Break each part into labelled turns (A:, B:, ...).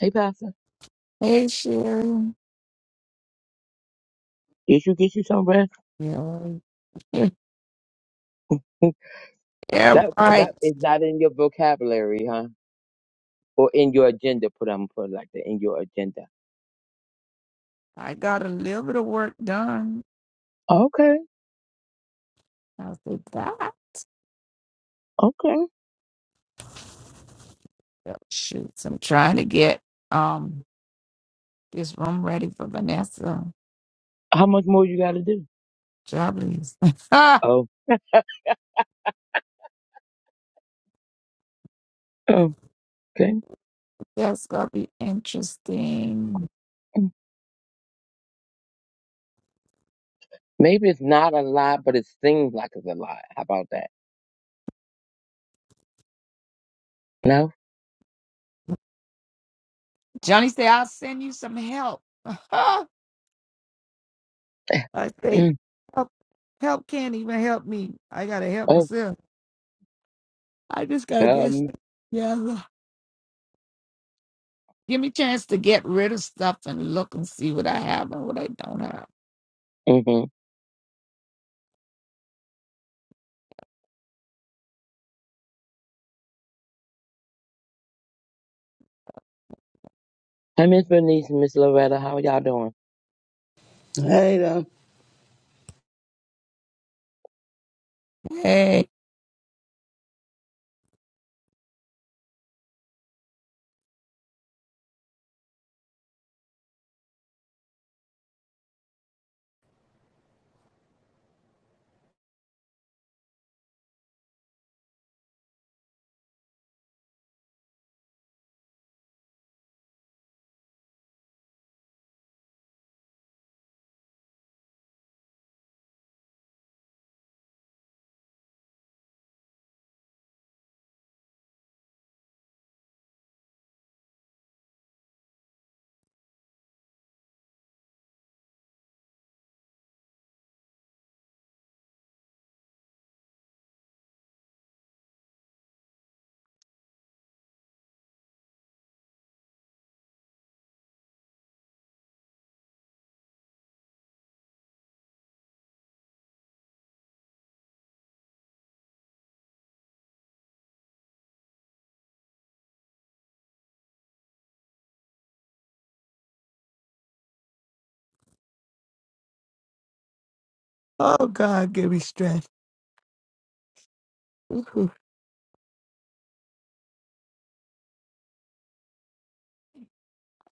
A: Hey, Pastor.
B: Hey, Sherry.
A: Did you get you some rest?
B: Yeah, yeah,
A: that that
B: right.
A: is not in your vocabulary, huh? Or in your agenda? Put I'm put it like that in your agenda.
B: I got a little bit of work done.
A: Okay,
B: I said that.
A: okay.
B: Oh, Shoots, I'm trying to get um this room ready for Vanessa
A: How much more you got to do?
B: Joblies.
A: Oh, oh, okay.
B: That's gonna be interesting.
A: Mm. Maybe it's not a lot, but it seems like it's a lot. How about that? No.
B: Johnny said, "I'll send you some help." I say,
A: Mm.
B: help, help can't even help me. I gotta help
A: Oh,
B: myself. I just gotta guess.
A: um.
B: Yeah. Give me a chance to get rid of stuff and look and see what I have and what I don't have.
A: Mm-hmm. Hi, Miss Bernice, and Miss Loretta. How are y'all doing?
C: Later.
B: Hey, oh God, give me strength. Ooh,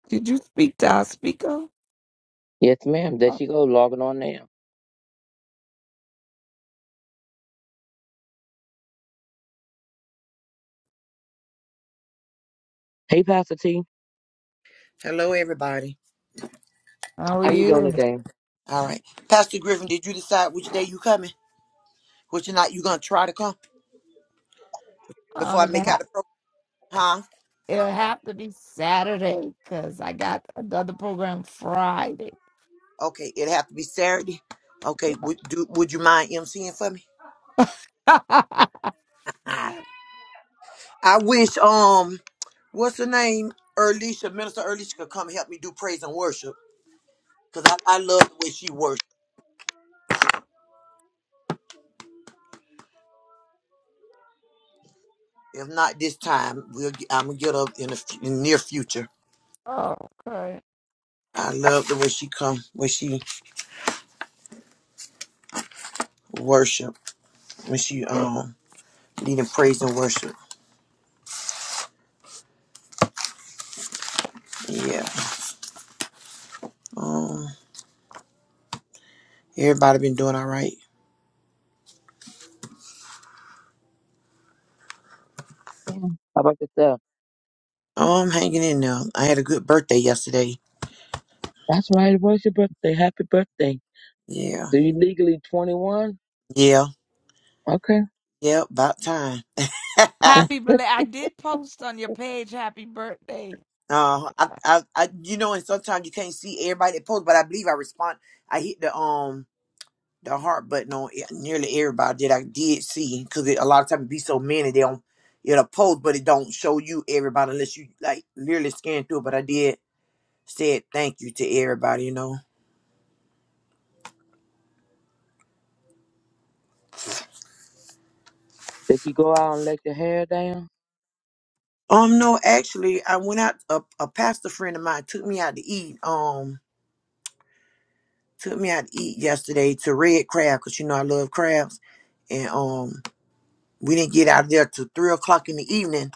B: Did you speak to our speaker?
A: Yes, ma'am. There she go, logging on now. Hey, Pastor T.
D: Hello, everybody.
B: How are
A: How you doing
B: you?
A: today?
D: All right. Pastor Griffin, did you decide which day you coming? Which night you gonna try to come before
B: Um,
D: I
B: it
D: make out
B: ha-
D: the program? Huh?
B: it'll have to be Saturday because I got another program Friday.
D: Okay, it'd have to be Saturday. Okay, would do would you mind emceeing for me? Alright. I wish um what's her name? Erlisha, Minister Erlisha could come help me do praise and worship. Cause I, I love the way she worships. If not this time, we'll get, I'm gonna get up in the, f- in the near future.
B: oh, okay.
D: I love the way she come when she worship, when she um leading praise and worship. Yeah. Um, everybody been doing all right.
A: Yeah. How about yourself?
D: Oh, I'm hanging in there. I had a good birthday yesterday.
A: That's right. It was your birthday. Happy birthday.
D: Yeah,
A: So you legally 21?
D: yeah,
A: Okay.
D: yeah. About time. uh,
B: Happy
A: Did
B: belated. I did post on your page, happy birthday.
D: I, I, I, you know, and sometimes you can't see everybody that posts, but I believe I respond. I hit the um the heart button on e- nearly everybody that I did see because a lot of times it be so many they don't it'll post, but it don't show you everybody unless you like literally scan through. it. But I did said thank you to everybody. You know.
A: you go out and let your hair down?
D: Um, no, actually, I went out. A, a pastor friend of mine took me out to eat. Um, took me out to eat yesterday to Red Crab because you know I love crabs, and um, we didn't get out of there till three o'clock in the evening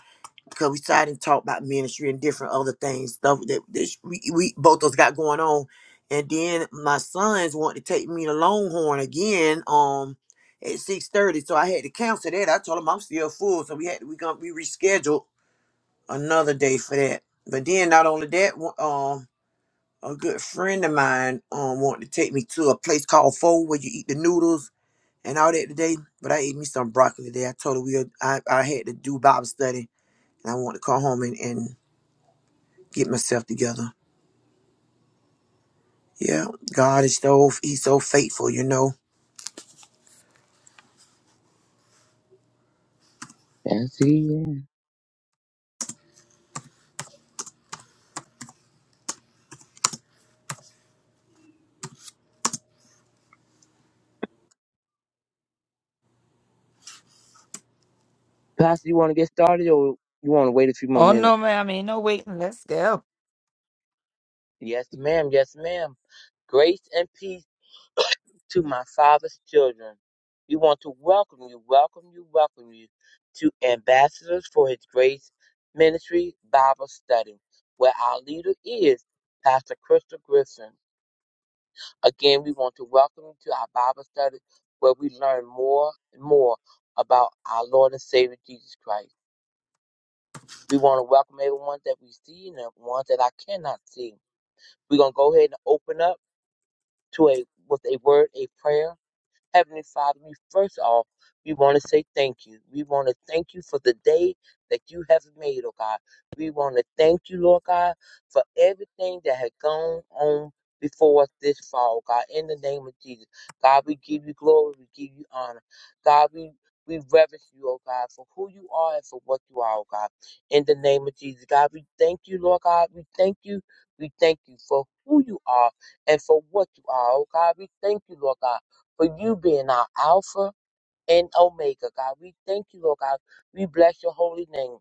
D: because we started to talk about ministry and different other things stuff that this, we, we both of us got going on. And then my sons wanted to take me to Longhorn again. Um, at six thirty, so I had to cancel that. I told them I'm still full, so we had we gonna we rescheduled another day for that. But then not only that, wa- um, a good friend of mine um wanted to take me to a place called Fo where you eat the noodles and all that today. But I ate me some broccoli today. I told her we had- I I had to do Bible study and I want to come home and, and get myself together. Yeah, God is so he's so faithful, you know.
A: Yes, he is. Pastor, you want to get started or you want to wait a few more
B: Oh,
A: minutes?
B: no, ma'am. Ain't no waiting. Let's go.
A: Yes, ma'am. Yes, ma'am. Grace and peace to my father's children. We want to welcome you, welcome you, welcome you to Ambassadors for His Grace Ministry Bible Study, where our leader is Pastor Crystal Griffin. Again, we want to welcome you to our Bible study where we learn more and more about our Lord and Savior Jesus Christ. We want to welcome everyone that we see and the ones that I cannot see. We're going to go ahead and open up to a with a word, a prayer Heavenly Father, we first off, we want to say thank you. We want to thank you for the day that you have made, oh God. We want to thank you, Lord God, for everything that had gone on before us this fall, oh God, in the name of Jesus. God, we give you glory, we give you honor. God, we we reverence you, oh God, for who you are and for what you are, oh God. In the name of Jesus, God, we thank you, Lord God. We thank you. We thank you for who you are and for what you are, oh God. We thank you, Lord God for you being our Alpha and Omega, God. We thank you, Lord God. We bless your holy name.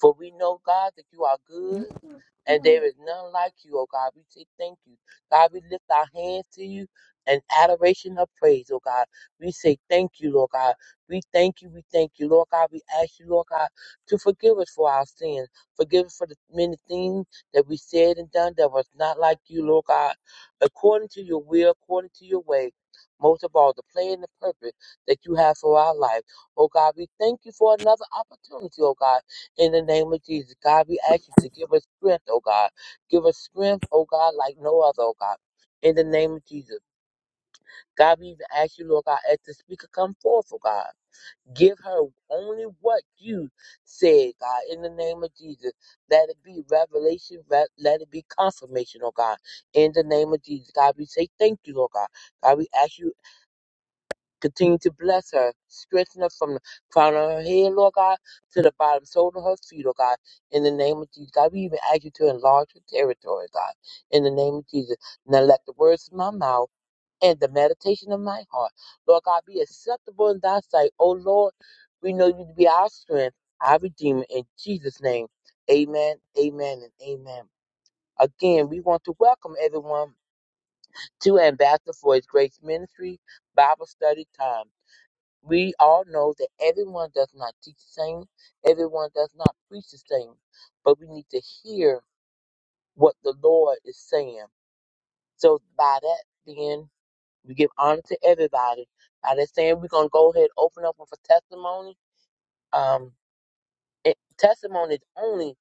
A: For we know, God, that you are good and there is none like you, oh God. We say thank you. God, we lift our hands to you in adoration of praise, oh God. We say thank you, Lord God. We thank you, we thank you, Lord God. We ask you, Lord God, to forgive us for our sins. Forgive us for the many things that we said and done that was not like you, Lord God. According to your will, according to your way. Most of all, the plan and the purpose that you have for our life. Oh God, we thank you for another opportunity, oh God in the name of Jesus. God, we ask you to give us strength, oh God. Give us strength, oh God, like no other, oh God. In the name of Jesus. God, we even ask you, Lord God, as the speaker come forth, oh God. Give her only what you said, God, in the name of Jesus. Let it be revelation, re- let it be confirmation, oh God, in the name of Jesus. God, we say thank you, Lord God. God, we ask you Continue to bless her, strengthen her from the crown of her head, Lord God, to the bottom sole of her feet, Lord God. In the name of Jesus, God, we even ask you to enlarge her territory, God. In the name of Jesus, now let the words of my mouth and the meditation of my heart, Lord God, be acceptable in thy sight. Oh Lord, we know you to be our strength, our redeemer. In Jesus' name, amen, amen, and amen. Again, we want to welcome everyone to Ambassador for His Grace Ministry Bible Study Time we all know that everyone does not teach the same, everyone does not preach the same, but we need to hear what the Lord is saying. So by that then we give honor to everybody. By that saying we're gonna go ahead open up with a testimony. Um it, testimony is only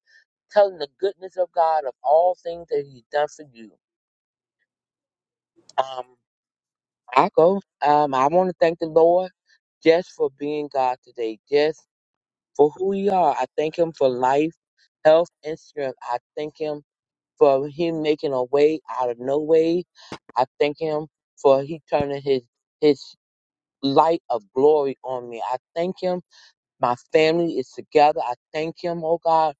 A: telling the goodness of God of all things that He's done for you. Um I go. Um I wanna thank the Lord just for being God today. Just for who we are. I thank him for life, health, and strength. I thank him for him making a way out of no way. I thank him for he turning his his light of glory on me. I thank him. My family is together. I thank him, oh God,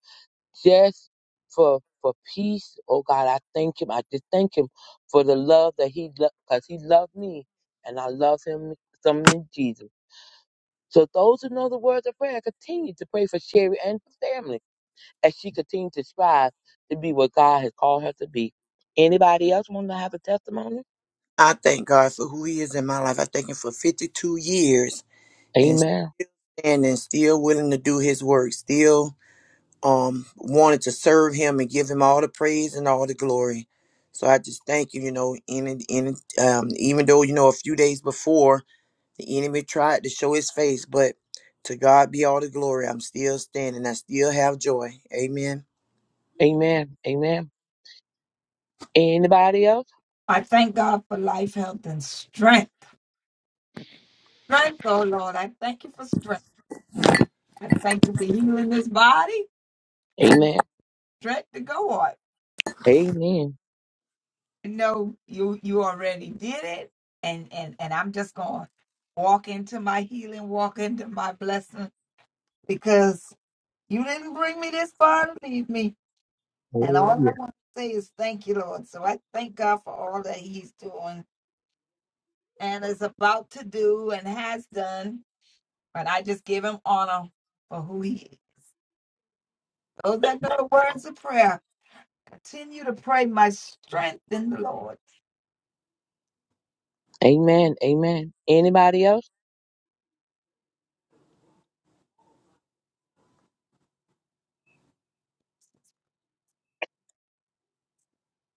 A: just for for peace. Oh God, I thank him. I just thank him for the love that he loved because he loved me and I love him some in Jesus. So those who know the words of prayer, continue to pray for Sherry and her family as she continued to strive to be what God has called her to be. Anybody else want to have a testimony?
D: I thank God for who he is in my life. I thank him for 52 years and
A: Amen.
D: standing still willing to do his work, still um wanted to serve him and give him all the praise and all the glory. So I just thank you, you know, in in um even though, you know, a few days before the enemy tried to show his face, but to God be all the glory. I'm still standing. I still have joy. Amen.
A: Amen. Amen. Anybody else?
B: I thank God for life, health, and strength. strength, oh Lord. I thank you for strength. I thank you for healing this body and
A: Amen.
B: strength to go on.
A: Amen.
B: You know, you you already did it, and and and I'm just gonna walk into my healing, walk into my blessing, because you didn't bring me this far to leave me. And
A: Oh
B: all I
A: yeah.
B: want to say is thank you, Lord. So I thank God for all that He's doing and is about to do and has done. And I just give Him honor for who He is. Those that know the words of prayer continue to pray my strength in the Lord.
A: Amen. Amen. Anybody else?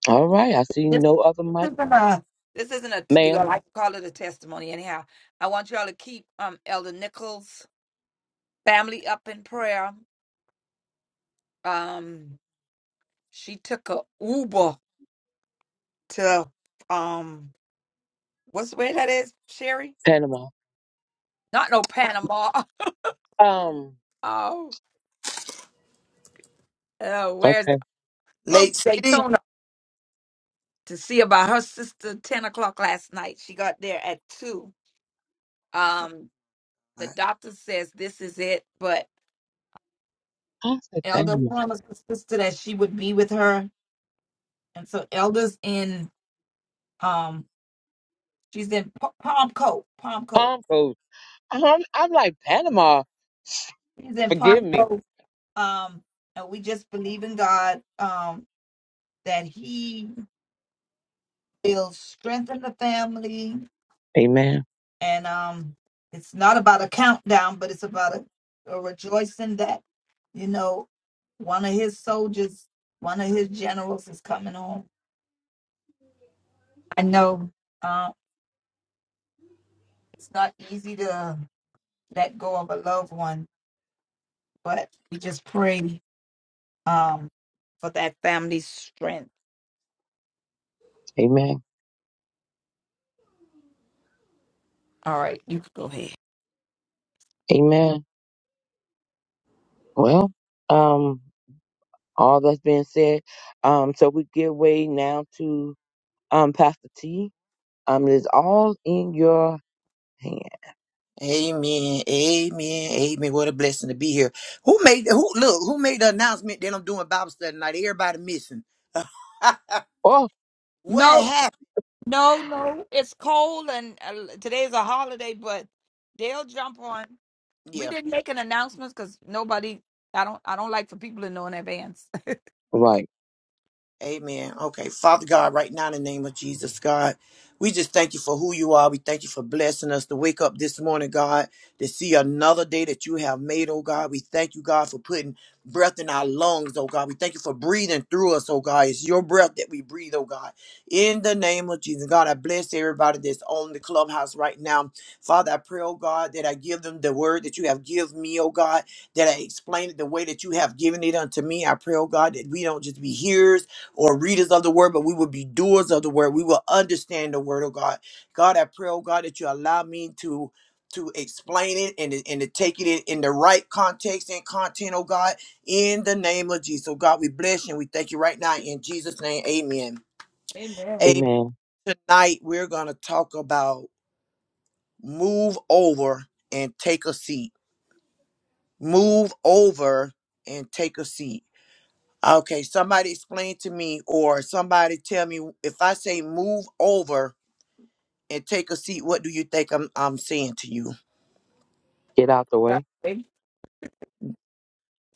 A: All right. I see
B: This
A: no other mic.
B: isn't a this isn't a you know,
A: Ma'am,
B: I like to call it a testimony anyhow. I want y'all to keep um Elder Nichols family up in prayer. Um she took a Uber to um what's where that is, Sherry?
A: Panama.
B: Not no Panama.
A: Um,
B: Oh, oh where's
A: okay.
B: close
D: Lake
B: to
D: City.
A: Well,
B: Daytona to see about her sister ten o'clock last night. She got there at two. Um the doctor says this is it, but
A: I said
B: Elder
A: Panama.
B: promised her sister that she would be with her, and so Elder's in um she's in P- Palm Coast, Palm Coast.
A: Palm Coast. I'm, I'm like Panama.
B: She's in
A: Forgive
B: Palm
A: me.
B: Coast. Um, and we just believe in God um that He will strengthen the family,
A: Amen.
B: and um it's not about a countdown, but it's about a, a rejoicing that you know one of His soldiers, one of His generals is coming home. I know uh, it's not easy to. let go of a loved one, but we just pray um for that family's strength.
A: Amen.
B: All right, you can go ahead.
A: Amen. Well, um, all that's being said. Um, so we give way now to um, Pastor T. Um, it is all in your hand.
D: Amen. Amen. Amen. What a blessing to be here. Who made who look, who made the announcement that I'm doing Bible study tonight? Everybody missing.
A: Oh,
D: what
B: No,
D: happened?
B: no, no. It's cold and uh, today's a holiday, but they'll jump on. We
D: Yeah.
B: didn't make an announcement because nobody. I don't. I don't like for people to know in advance.
D: Okay.
A: right.
D: Amen. Okay. Father God, right now in the name of Jesus, God, we just thank you for who you are. We thank you for blessing us to wake up this morning, God, to see another day that you have made, oh God. We thank you, God, for putting breath in our lungs, oh God. We thank you for breathing through us, oh God. It's your breath that we breathe, oh God. In the name of Jesus, God, I bless everybody that's on the clubhouse right now. Father, I pray, oh God, that I give them the word that you have given me, oh God, that I explain it the way that you have given it unto me. I pray, oh God, that we don't just be hearers or readers of the word, but we will be doers of the word. We will understand the word of God. God, I pray, oh God, that you allow me to to explain it and, to- and to take it in, in the right context and content, oh God, in the name of Jesus. So God, we bless you and we thank you right now in Jesus' name. Amen.
B: Amen.
D: Amen.
A: Amen.
D: Tonight we're gonna talk about move over and take a seat. Move over and take a seat. Okay, somebody explain to me or somebody tell me if I say move over and take a seat. What do you think I'm I'm saying to you?
A: Get out the way.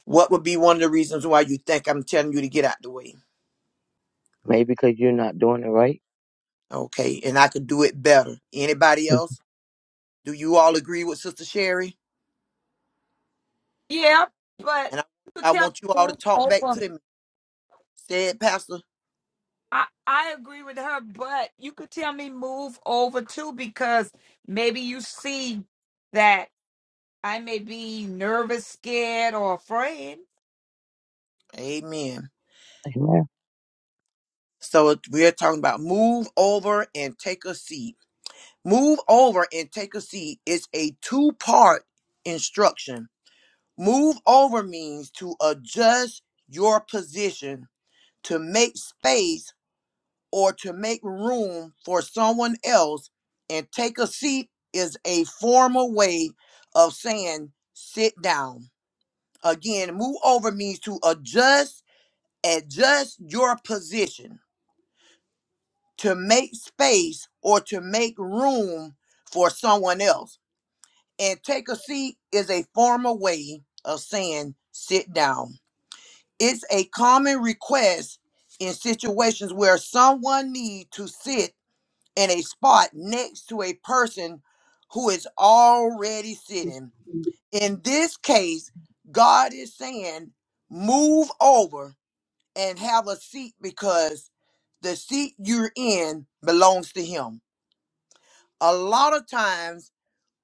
D: What would be one of the reasons why you think I'm telling you to get out the way?
A: Maybe because you're not doing it right.
D: Okay, and I could do it better. Anybody
A: Mm,
D: else? Do you all agree with Sister Sherry?
B: Yeah, but
D: And I,
B: you could
D: I
B: tell me
D: want you all to
B: move
D: talk back
B: over.
D: to me. Say it, Pastor.
B: I, I agree with her, but you could tell me move over too because maybe you see that I may be nervous, scared, or afraid.
D: Amen.
A: Amen.
D: So we're talking about move over and take a seat. Move over and take a seat is a two-part instruction. Move over means to adjust your position to make space or to make room for someone else and take a seat is a formal way of saying sit down. Again, move over means to adjust, adjust your position, to make space or to make room for someone else. And take a seat is a formal way of saying sit down. It's a common request in situations where someone needs to sit in a spot next to a person who is already sitting. In this case, God is saying, move over and have a seat because the seat you're in belongs to Him. A lot of times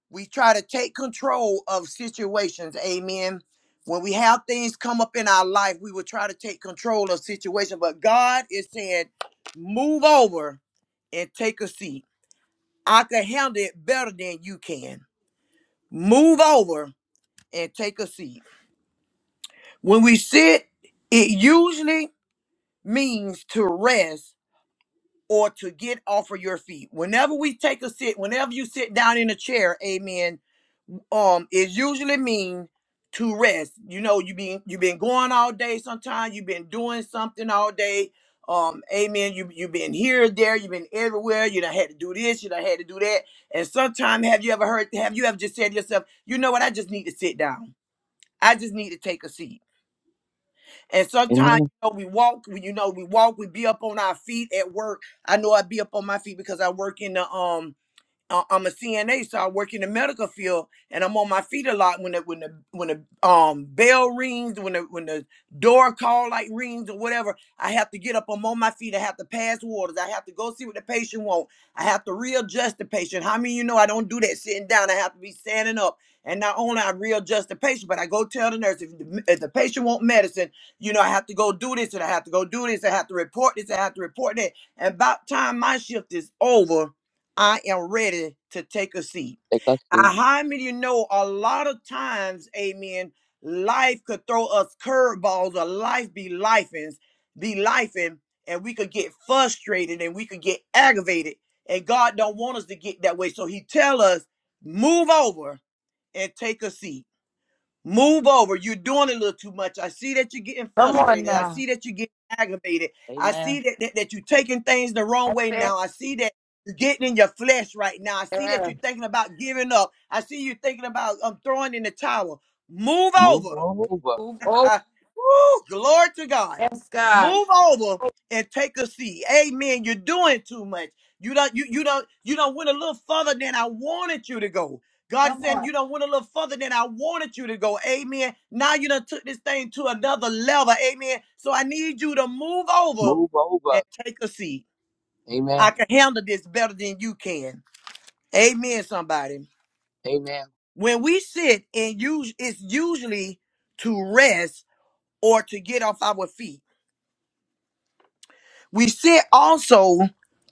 D: we try to take control of situations. Amen. When we have things come up in our life, we will try to take control of situations. But God is saying, move over and take a seat I can handle it better than you can. Move over and take a seat. When we sit, it usually means to rest or to get off of your feet. Whenever we take a sit, whenever you sit down in a chair, amen, um it usually mean to rest you know you've been you've been going all day sometimes you've been doing something all day um amen you, you've been here there you've been everywhere you done had to do this you done had to do that and sometimes have you ever heard have you ever just said to yourself you know what i just need to sit down i just need to take a seat and sometimes
A: Amen.
D: you know, we walk we you know we walk we be up on our feet at work i know i be up on my feet because i work in the um I- I'm a CNA, so I work in the medical field, and I'm on my feet a lot when the when the when the um bell rings, when the when the door call light rings or whatever. I have to get up. I'm on my feet. I have to pass waters. I have to go see what the patient want. I have to readjust the patient. How many of you know I don't do that sitting down? I have to be standing up. And not only I readjust the patient, but I go tell the nurse if the, if the patient want medicine, you know I have to go do this and I have to go do this. I have to report this. I have to report that. And about time my shift is over I am ready to take a seat.
A: Take us seat.
D: I, how many of you know a lot of times, amen, life could throw us curveballs or life be lifing, be lifing, and we could get frustrated and we could get aggravated. And God don't want us to get that way. So he tell us, move over and take a seat. Move over. You're doing a little too much. I see that you're getting
B: Come on
D: frustrated. I see
B: now.
D: that you're getting aggravated. I
A: Amen.
D: see that, that, that you're taking things the wrong way
B: Say-
D: now. I see that you're getting in your flesh right now. I see that
B: Yeah.
D: you're thinking about giving up. I see you thinking about um, throwing in the towel. Move
A: Move
D: over.
A: over.
B: Move over,
D: Ah, woo, glory to God.
B: Yes, God.
D: Move over and take a seat. Amen. You're doing too much. You don't you you don't you don't went a little further than I wanted you to go. God is
B: come
D: saying you
B: on.
D: don't went a little further than I wanted you to go. Amen. Now you done took this thing to another level. Amen. So I need you to move over
A: Move over.
D: and take a seat.
A: Amen.
D: I can handle this better than you can. Amen, somebody.
A: Amen.
D: When we sit and use it's usually to rest or to get off our feet. we sit also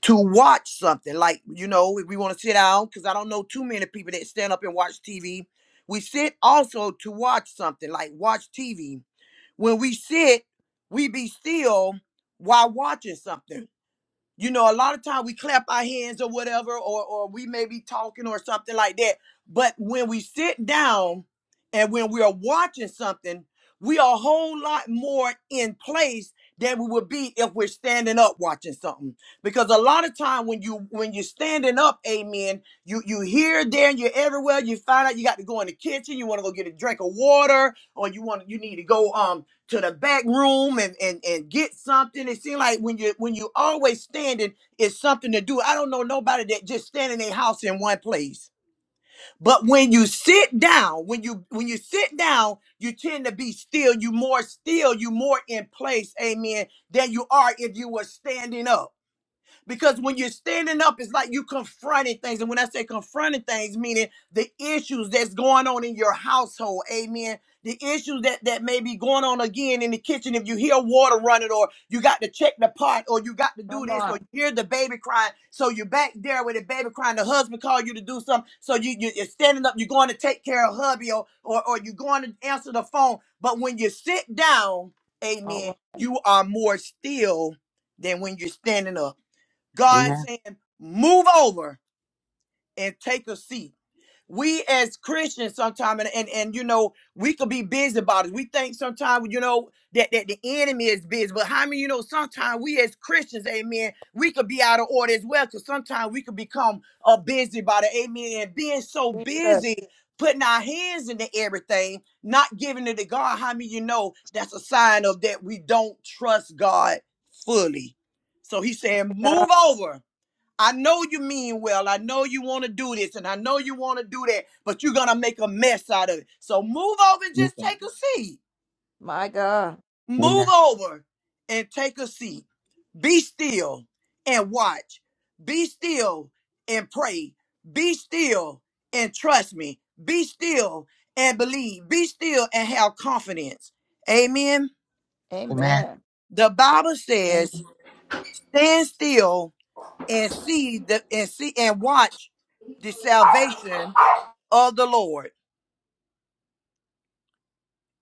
D: to watch something like you know if we want to sit down because i don't know too many people that stand up and watch tv we sit also to watch something like watch tv when we sit we be still while watching something you know, a lot of time we clap our hands or whatever, or or we may be talking or something like that. But when we sit down and when we are watching something, we are a whole lot more in place than we would be if we're standing up watching something. Because a lot of time when you when you're standing up, amen, you you here, there, you're everywhere, you find out you got to go in the kitchen, you want to go get a drink of water, or you want you need to go um to the back room and and and get something. It seems like when you when you always standing, it's something to do. I don't know nobody that just stand in their house in one place. But when you sit down, when you when you sit down, you tend to be still. You more still. You more in place. Amen. Than you are if you were standing up. Because when you're standing up, it's like you confronting things. And when I say confronting things, meaning the issues that's going on in your household, amen. The issues that, that may be going on again in the kitchen, if you hear water running, or you got to check the pot, or you got to do
B: Come
D: this, or
B: on.
D: you hear the baby crying, so you're back there with the baby crying. The husband called you to do something, so you, you you're standing up, you're going to take care of hubby, or, or or you're going to answer the phone. But when you sit down,
B: All
D: amen,
B: right.
D: you are more still than when you're standing up. God
A: Amen.
D: saying, move over and take a seat. We as Christians sometimes and, and and you know, we could be busy about it. We think sometimes, you know, that, that the enemy is busy. But how many you know sometimes we as Christians, amen, we could be out of order as well. Cause sometimes we could become a busybody, amen. And being so
B: We good.
D: busy, putting our hands into everything, not giving it to God. How many you know that's a sign of that we don't trust God fully. So he's saying, move
B: God,
D: over I know you mean well. I know you want to do this and I know you want to do that, but you're going to make a mess out of it. So move over and
A: Move
D: just
A: over.
D: take a seat.
B: My God.
D: Move
A: Amen.
D: over and take a seat. Be still and watch. Be still and pray. Be still and trust me. Be still and believe. Be still and have confidence. Amen.
A: Amen.
B: Amen.
D: The Bible says, stand still and see the and see and watch the salvation of the Lord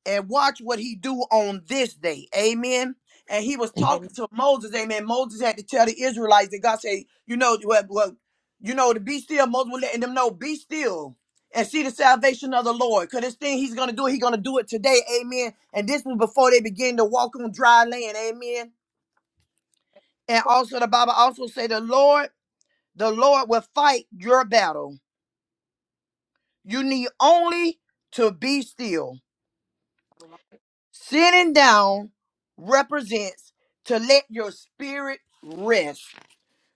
D: and watch what he do on this day. Amen. And he was
A: Am-
B: Amen.
D: talking to Moses. Amen. Moses had to tell the Israelites that God said, you know, well, well you know, to be still. Moses was letting them know, be still and see the salvation of the Lord. Because this thing he's going to do, he's going to do it today. Amen. And this was before they began to walk on dry land. Amen. And also the Bible also say the Lord, the Lord will fight your battle. You need only to be still. Sitting down represents to let your spirit rest.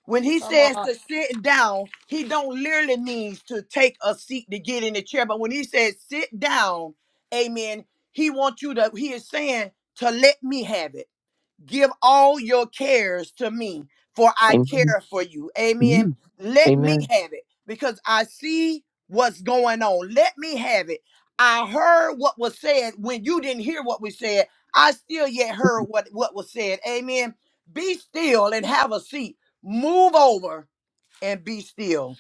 D: When he
B: Come
D: says
B: on.
D: to sit down, he don't literally means to take a seat to get in the chair. But when he says sit down, amen, he wants you to, he is saying to let me have it. Give all your cares to me, for I
A: Amen.
D: care for you. Amen.
A: You.
D: Let me
A: Amen.
D: have it because I see what's going on. Let me have it. I heard what was said when you didn't hear what we said. I still yet heard what, what was said. Amen. Be still and have a seat. Move over and be still.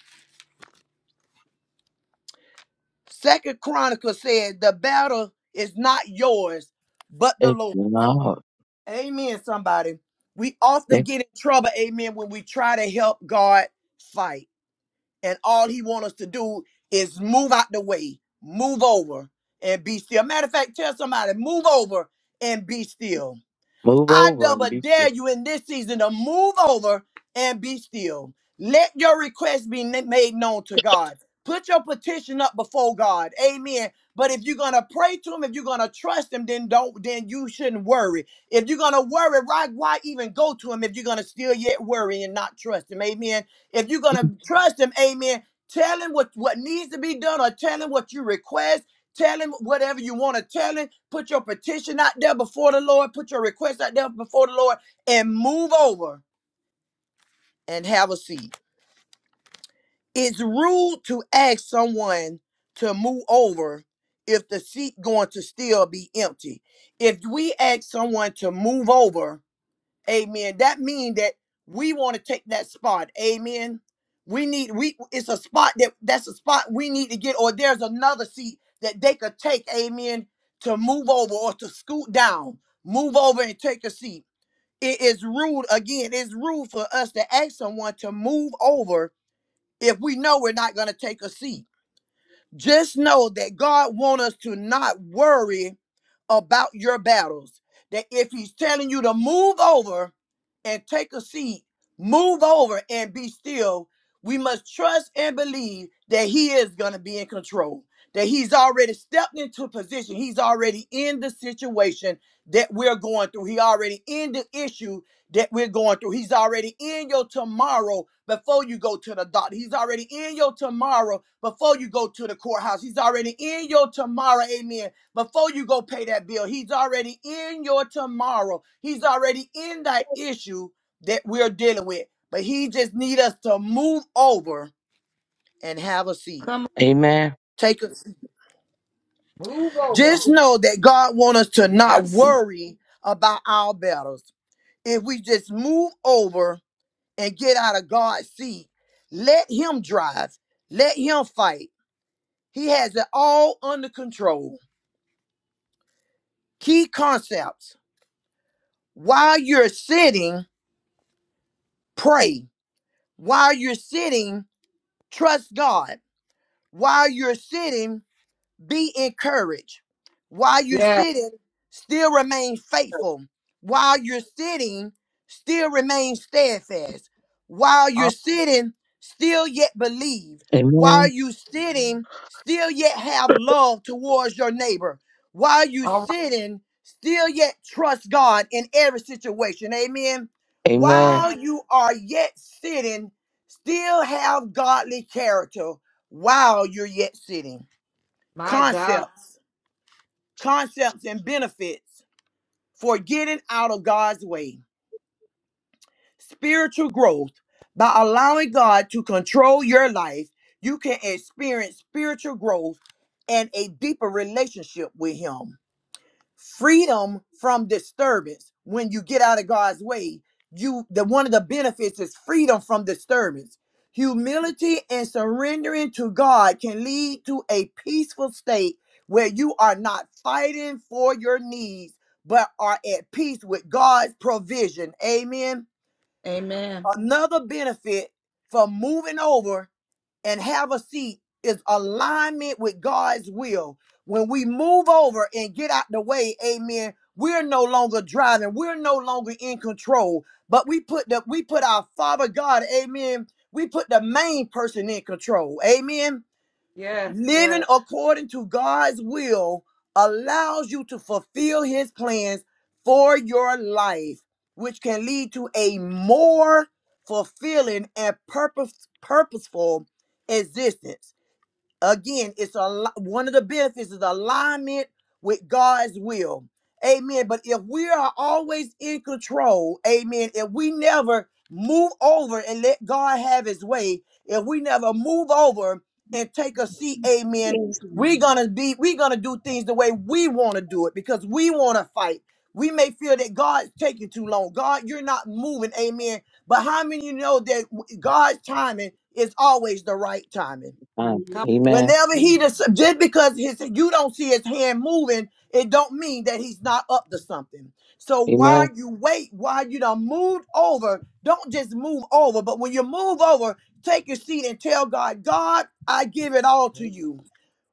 D: Second Chronicles said, The battle is not yours, but the
A: It's
D: Lord's.
A: not.
D: Amen, somebody. We often
A: eh,
D: get in trouble, amen, when we try to help God fight. And all he wants us to do is move out the way, move over and be still. Matter of fact, tell somebody, move over and be still.
A: Move
D: I
A: over and
D: double
A: be still.
D: dare you in this season to move over and be still. Let your request be na- made known to God. Put your petition up before God. Amen. But if you're gonna pray to him, if you're gonna trust him, then don't then you shouldn't worry. If you're gonna worry, right, why even go to him if you're gonna still yet worry and not trust him? Amen. If you're gonna trust him, amen. Tell him what, what needs to be done or tell him what you request Tell him whatever you want to tell him. Put your petition out there before the Lord. Put your request out there before the Lord and move over and have a seat. It's rude to ask someone to move over if the seat going to still be empty. If we ask someone to move over Amen. That means that we want to take that spot. Amen. We need we it's a spot that that's a spot we need to get, or there's another seat that they could take, amen, to move over or to scoot down, move over and take a seat. It is rude again, it's rude for us to ask someone to move over if we know we're not gonna take a seat. Just know that God wants us to not worry about your battles. That if he's telling you to move over and take a seat, move over and be still, we must trust and believe that he is going to be in control, that he's already stepped into position. He's already in the situation that we're going through. He already in the issue that we're going through. He's already in your tomorrow before you go to the doctor. He's already in your tomorrow before you go to the courthouse. He's already in your tomorrow, amen, before you go pay that bill. He's already in your tomorrow. He's already in that issue that we're dealing with. But he just need us to move over and have a seat.
B: Come on.
A: Amen.
D: Take a,
B: Move over.
D: just know that God want us to not
B: Have a seat.
D: worry about our battles. If we just move over and get out of God's seat, let him drive, let him fight. He has it all under control. Key concepts. While you're sitting, pray While you're sitting, trust God. While you're sitting, be encouraged. While you're
B: Yeah.
D: sitting, still remain faithful. While you're sitting, still remain steadfast. While you're
B: All,
D: sitting, still yet believe.
A: Amen.
D: While you sitting, still yet have love towards your neighbor. While you
B: all right.
D: sitting, still yet trust God in every situation. Amen.
A: Amen.
D: While
B: Amen.
D: you are yet sitting, still have godly character while you're yet sitting
B: My God.
D: concepts, concepts and benefits for getting out of God's way. Spiritual growth by allowing God to control your life, you can experience spiritual growth and a deeper relationship with him. freedom from disturbance when you get out of God's way. You the one of the benefits is freedom from disturbance. Humility and surrendering to God can lead to a peaceful state where you are not fighting for your needs but are at peace with God's provision. Amen.
B: Amen.
D: Another benefit for moving over and have a seat is alignment with God's will. When we move over and get out the way, amen, we're no longer driving, we're no longer in control, but we put the we put our Father God, amen, we put the main person in control. Amen.
B: Yes,
D: Living
B: yes.
D: according to God's will allows you to fulfill his plans for your life, which can lead to a more fulfilling and purpose, purposeful existence. Again, it's a one of the benefits is alignment with God's will. Amen. But if we are always in control, amen, if we never move over and let God have his way, if we never move over and take a seat, amen,
E: Yes, Lord.
D: we're gonna be we're gonna do things the way we want to do it because we want to fight. We may feel that God's taking too long. God, you're not moving, amen. But how many of you know that God's timing is always the right timing?
A: Amen.
B: Come.
A: Amen.
D: Whenever he just just because his you don't see his hand moving, it don't mean that he's not up to something. So while
A: Amen.
D: you wait, while you done moved over, don't just move over. But when you move over, take your seat and tell God, God, I give it all to you.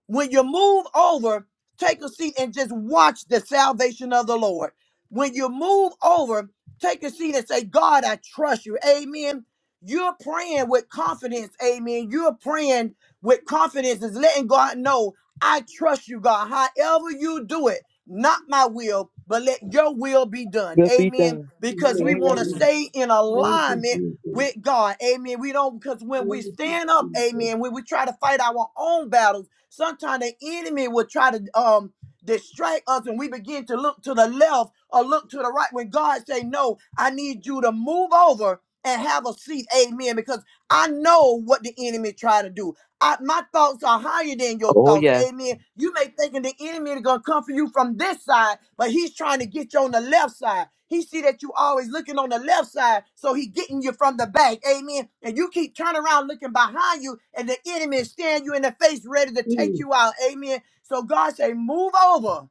D: When you move over, take a seat and just watch the salvation of the Lord. When you move over, take a seat and say, God, I trust you. Amen. You're praying with confidence. Amen. You're praying with confidence is letting God know, I trust you, God. However you do it, not my will, but let your will be done.
A: Let be
D: Amen.
A: done.
D: Because we
A: Amen.
D: want to
E: Hallelujah.
D: stay in
E: Thank you,
D: alignment
E: Jesus.
D: with God. Amen. We don't because when we
E: Thank you,
D: stand up,
E: Jesus.
D: amen, when we try to fight our own battles, Sometimes the enemy will try to um distract us and we begin to look to the left or look to the right when God say, No, I need you to move over and have a seat. Amen. Because I know what the enemy try to do. I, my thoughts are higher than your
A: Oh
D: thoughts.
A: yes.
D: Amen. You may thinking the enemy is gonna come for you from this side, but he's trying to get you on the left side. He see that you always looking on the left side, so he getting you from the back. Amen. And you keep turning around looking behind you, and the enemy is staring you in the face, ready to take
E: Jesus.
D: you out. Amen. So God say, move over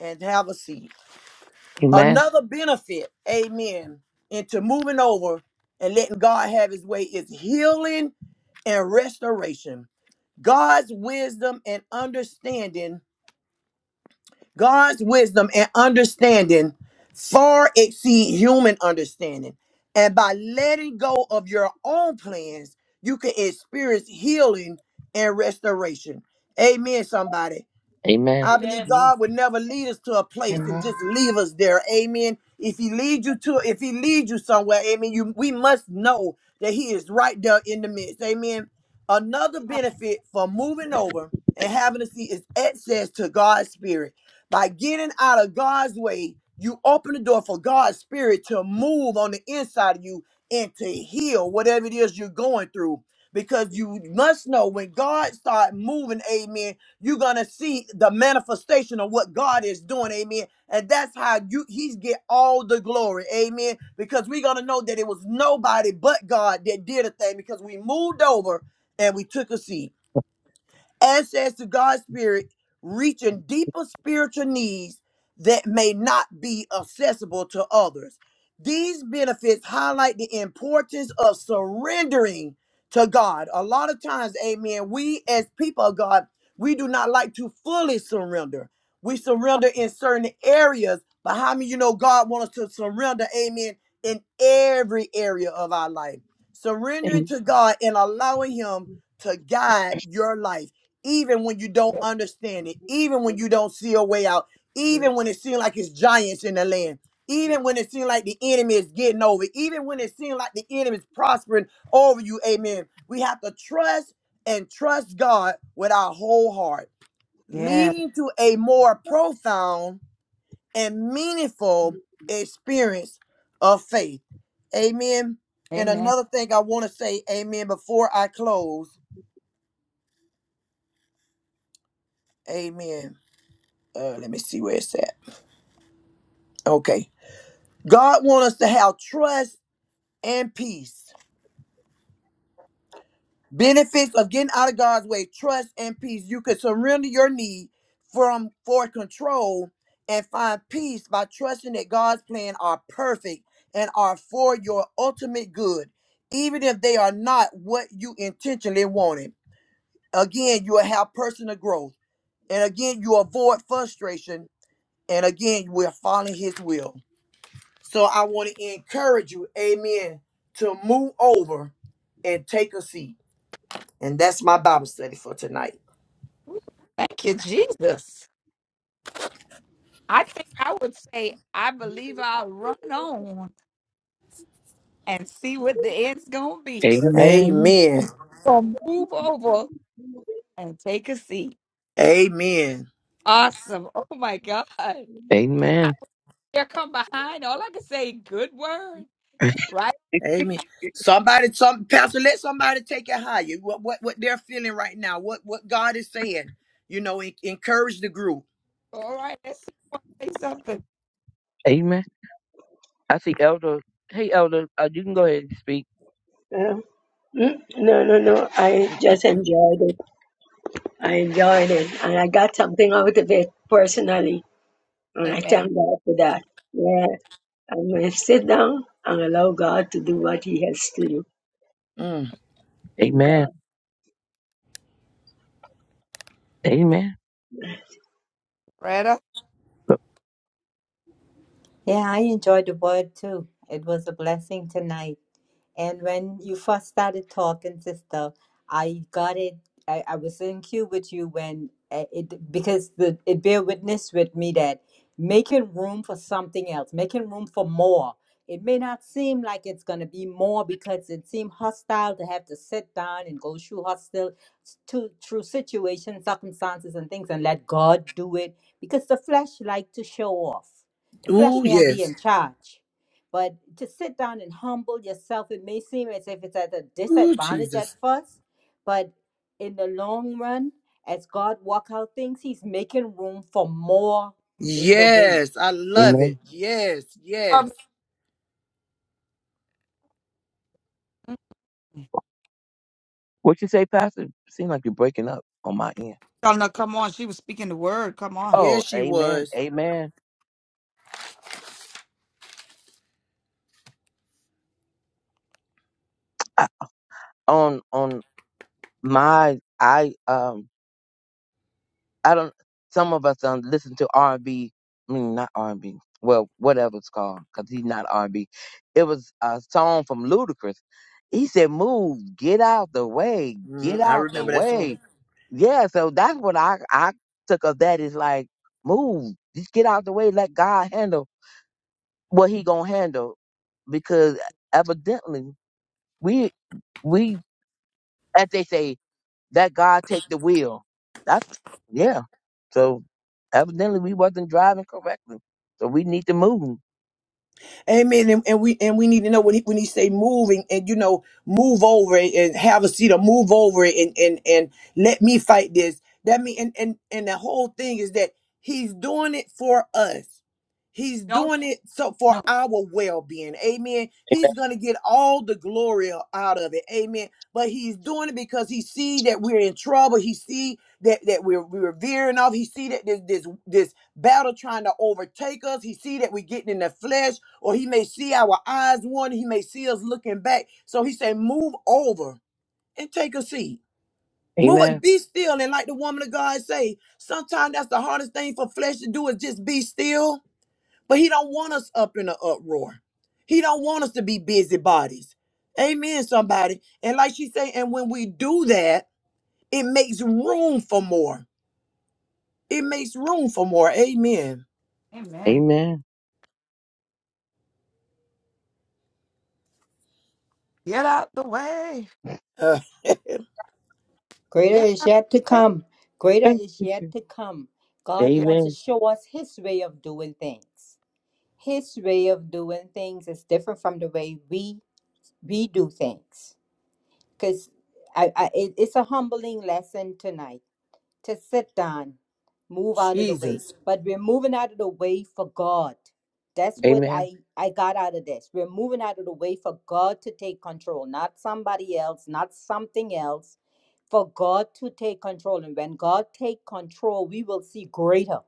D: and have a seat.
A: Amen.
D: Another benefit, amen, into moving over and letting God have his way is healing and restoration. God's wisdom and understanding, God's wisdom and understanding far exceed human understanding. And by letting go of your own plans, you can experience healing and restoration. Amen, somebody.
A: Amen.
B: on.
D: I believe
B: Amen.
D: God
C: Amen.
D: would never lead us to a place and
F: Amen.
D: just leave us there. Amen. If he leads you to if he leads you somewhere, amen, you we must know that he is right there in the midst. Amen. Another benefit for moving over and having a seat is access to God's spirit. By getting out of God's way, you open the door for God's spirit to move on the inside of you and to heal whatever it is you're going through. Because you must know when God starts moving, amen you're gonna see the manifestation of what God is doing, amen. And that's how you he's get all the glory, amen. Because we're gonna know that it was nobody but God that did a thing because we moved over and we took a seat access to God's Spirit, reaching deeper spiritual needs that may not be accessible to others. These benefits highlight the importance of surrendering to God. A lot of times, amen, we as people of God, we do not like to fully surrender. We surrender in certain areas, but how many of you know God wants us to surrender, amen, in every area of our life? Surrendering
A: Amen.
D: to God and allowing Him to guide your life even when you don't understand it, even when you don't see a way out, even when it seems like it's giants in the land, even when it seems like the enemy is getting over, even when it seems like the enemy is prospering over you, amen. We have to trust and trust God with our whole heart,
B: Yeah.
D: leading to a more profound and meaningful experience of faith. Amen. And
B: Amen.
D: another thing I want to say, amen, before I close, amen. Uh, let me see where it's at. Okay. God wants us to have trust and peace. Benefits of getting out of God's way, trust and peace. You can surrender your need from for control and find peace by trusting that God's plan are perfect and are for your ultimate good, even if they are not what you intentionally wanted. Again, you will have personal growth. And again, you avoid frustration. And again, you will follow his will. So I want to encourage you, amen, to move over and take a seat. And that's my Bible study for tonight.
B: Thank you, Jesus. I think I would say I believe I'll run on and see what the end's gonna be.
A: Amen.
D: Amen.
B: Or move over and take a seat.
D: Amen.
B: Awesome. Oh my God. I
A: Amen.
B: there come behind. All I can say good word. Right?
D: Amen. Somebody, some pastor, let somebody take it higher. What what what they're feeling right now. What what God is saying. You know, en- encourage the group.
B: All right, let's see what say something.
A: Amen. I see Elder. Hey Elder, uh, you can go ahead and speak.
E: Um, mm, No, no, no. I just enjoyed it. I enjoyed it. And I got something out of it personally. And I
B: Amen.
E: thank God for that. Yeah. I'm going to sit down and allow God to do what He has to do.
D: Mm.
E: Thank
A: Amen.
E: God.
A: Amen.
B: Retta.
F: Yeah, I enjoyed the word too. It was a blessing tonight. And when you first started talking, sister, I got it. I, I was in queue with you when uh, it because the it bear witness with me that making room for something else, making room for more. It may not seem like it's gonna be more because it seemed hostile to have to sit down and go through hostile to through situations, circumstances, and things, and let God do it because the flesh like to show off The flesh
D: Ooh,
F: won't be in
D: yes.
F: charge. But to sit down and humble yourself, it may seem as if it's at a
D: Oh
F: disadvantage at
D: Jesus.
F: first, but in the long run, as God work out things, He's making room for more in the way.
D: Yes, I love it.
A: Amen.
D: Yes, yes,
B: Um,
A: What you say, Pastor? Seem like you're breaking up on my end.
B: Oh, no, come on. She was speaking the word. Come on.
A: Oh,
D: yes. She
A: amen.
D: was.
A: Amen. I, on on my I um I don't. Some of us don't listen to R and B. I mean, not R and B. Well, whatever it's called, because he's not R and B. It was a song from Ludacris. He said, "Move, get out the way, get
D: Mm, I
A: out the
D: remember that song.
A: way." Yeah, so that's what I I took of that is like, move, just get out the way, let God handle what He gonna handle, because evidently we we as they say that God take the wheel. That's yeah. So evidently we wasn't driving correctly. So we need to move.
D: Amen. And, and we and we need to know when he when he say moving and you know move over it and have a seat or move over it and and and let me fight this. That mean and and and the whole thing is that he's doing it for us. He's
B: Don't
D: doing it so for
B: no.
D: our well-being. Amen. He's gonna get all the glory out of it. Amen. But he's doing it because he see that we're in trouble. He see that that we're we're veering off. He see that this this this battle trying to overtake us. He see that we getting in the flesh, or he may see our eyes wandering. He may see us looking back. So he say, move over and take a seat. Move
A: Amen.
D: up, be still. And like the woman of God say, sometimes that's the hardest thing for flesh to do is just be still. But he don't want us up in an uproar. He don't want us to be busybodies. Amen, somebody. And like she say, and when we do that, it makes room for more. It makes room for more. Amen.
B: Amen.
A: Amen.
B: Get out the way.
D: Uh,
F: Greater
B: Yeah.
F: is yet to come. Greater
A: Amen.
F: is yet to come. God
B: Yeah.
F: wants to
A: Amen.
F: show us His way of doing things. His way of doing things is different from the way we we do things. Because I, I, it, it's a humbling lesson tonight to sit down, move out of the way.
D: Jesus.
F: But we're moving out of the way for God. That's what
A: Amen.
F: I, I got out of this. We're moving out of the way for God to take control, not somebody else, not something else, for God to take control. And when God take control, we will see greater.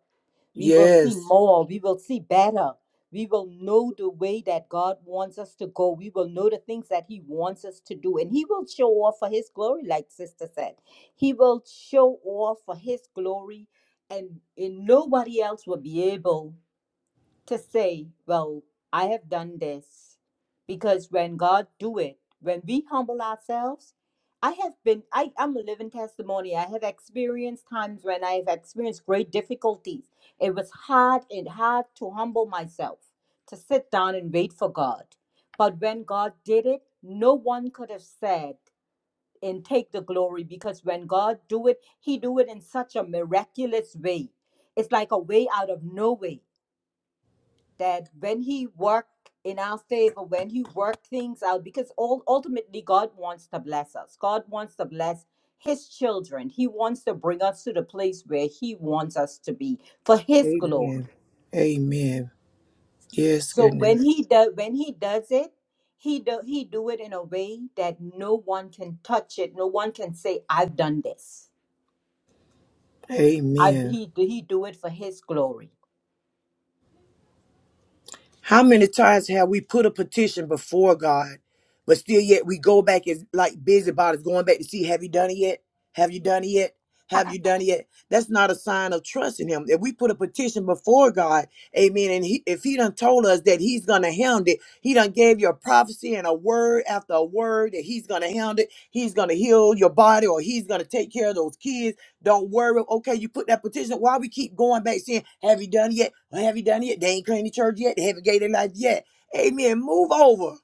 F: We will see
D: Yes.
F: more. We will see better. We will know the way that God wants us to go. We will know the things that He wants us to do. And He will show off for His glory, like Sister said. He will show off for His glory, and, and nobody else will be able to say, well, I have done this. Because when God do it, when we humble ourselves, I have been, I, I'm a living testimony. I have experienced times when I have experienced great difficulties. It was hard and hard to humble myself, to sit down and wait for God. But when God did it, no one could have said and take the glory because when God do it, he do it in such a miraculous way. It's like a way out of no way that when he worked in our favor, when he worked things out, because all, ultimately God wants to bless us. God wants to bless his children. He wants to bring us to the place where he wants us to be for his glory.
D: Amen. Amen. Yes,
F: So when
D: goodness.
F: he does when he does it, he do he do it in a way that no one can touch it. No one can say, I've done this. I
D: Amen.
F: he he do it for his glory.
D: How many times have we put a petition before God, but still yet we go back as like busybodies going back to see, have you done it yet? Have you done it yet? Have you done it yet? That's not a sign of trust in him. If we put a petition before God, amen, and he, if he done told us that he's going to hound it, he done gave you a prophecy and a word after a word that he's going to hound it, he's going to heal your body or he's going to take care of those kids, Don't worry. Okay, you put that petition. Why we keep going back saying, have you done it yet? Have you done it yet? They ain't cleaned the church yet. They haven't gave their life yet. Amen. Move over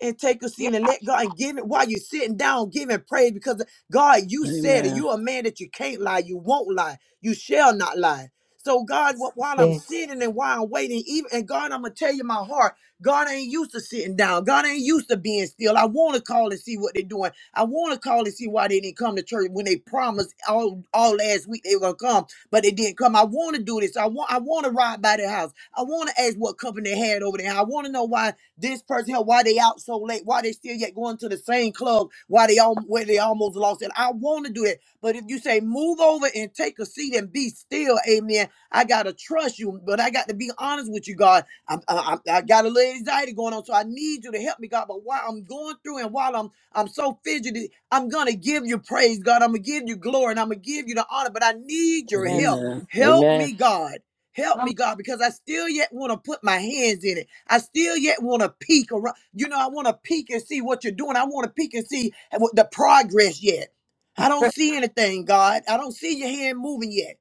D: and take a
B: Yeah.
D: seat and let God and give it while you're sitting down, giving praise because God, you said it. You're a man that you can't lie, you won't lie, you shall not lie. So God, wh- while I'm
F: Yes.
D: sitting and while I'm waiting, even and God, I'm gonna tell you my heart. God ain't used to sitting down. God ain't used to being still. I want to call and see what they're doing. I want to call and see why they didn't come to church when they promised all, all last week they were gonna come, but they didn't come. I want to do this. I want I want to ride by their house. I want to ask what company they had over there. I want to know why this person here, why they out so late? Why they still yet going to the same club? Why they all where they almost lost it? I want to do that. But if you say move over and take a seat and be still, amen. I gotta trust you, but I got to be honest with you, God. I'm, I, I I got a little anxiety going on, so I need you to help me, God. But while I'm going through and while I'm I'm so fidgety, I'm gonna give you praise, God. I'm gonna give you glory and I'm gonna give you the honor, but I need your
A: Amen.
D: help.
C: Amen.
D: Help me, God. Help
B: Come
D: me, God, because I still yet want to put my hands in it. I still yet want to peek around. You know, I want to peek and see what you're doing. I want to peek and see what the progress yet. I don't see anything, God. I don't see your hand moving yet.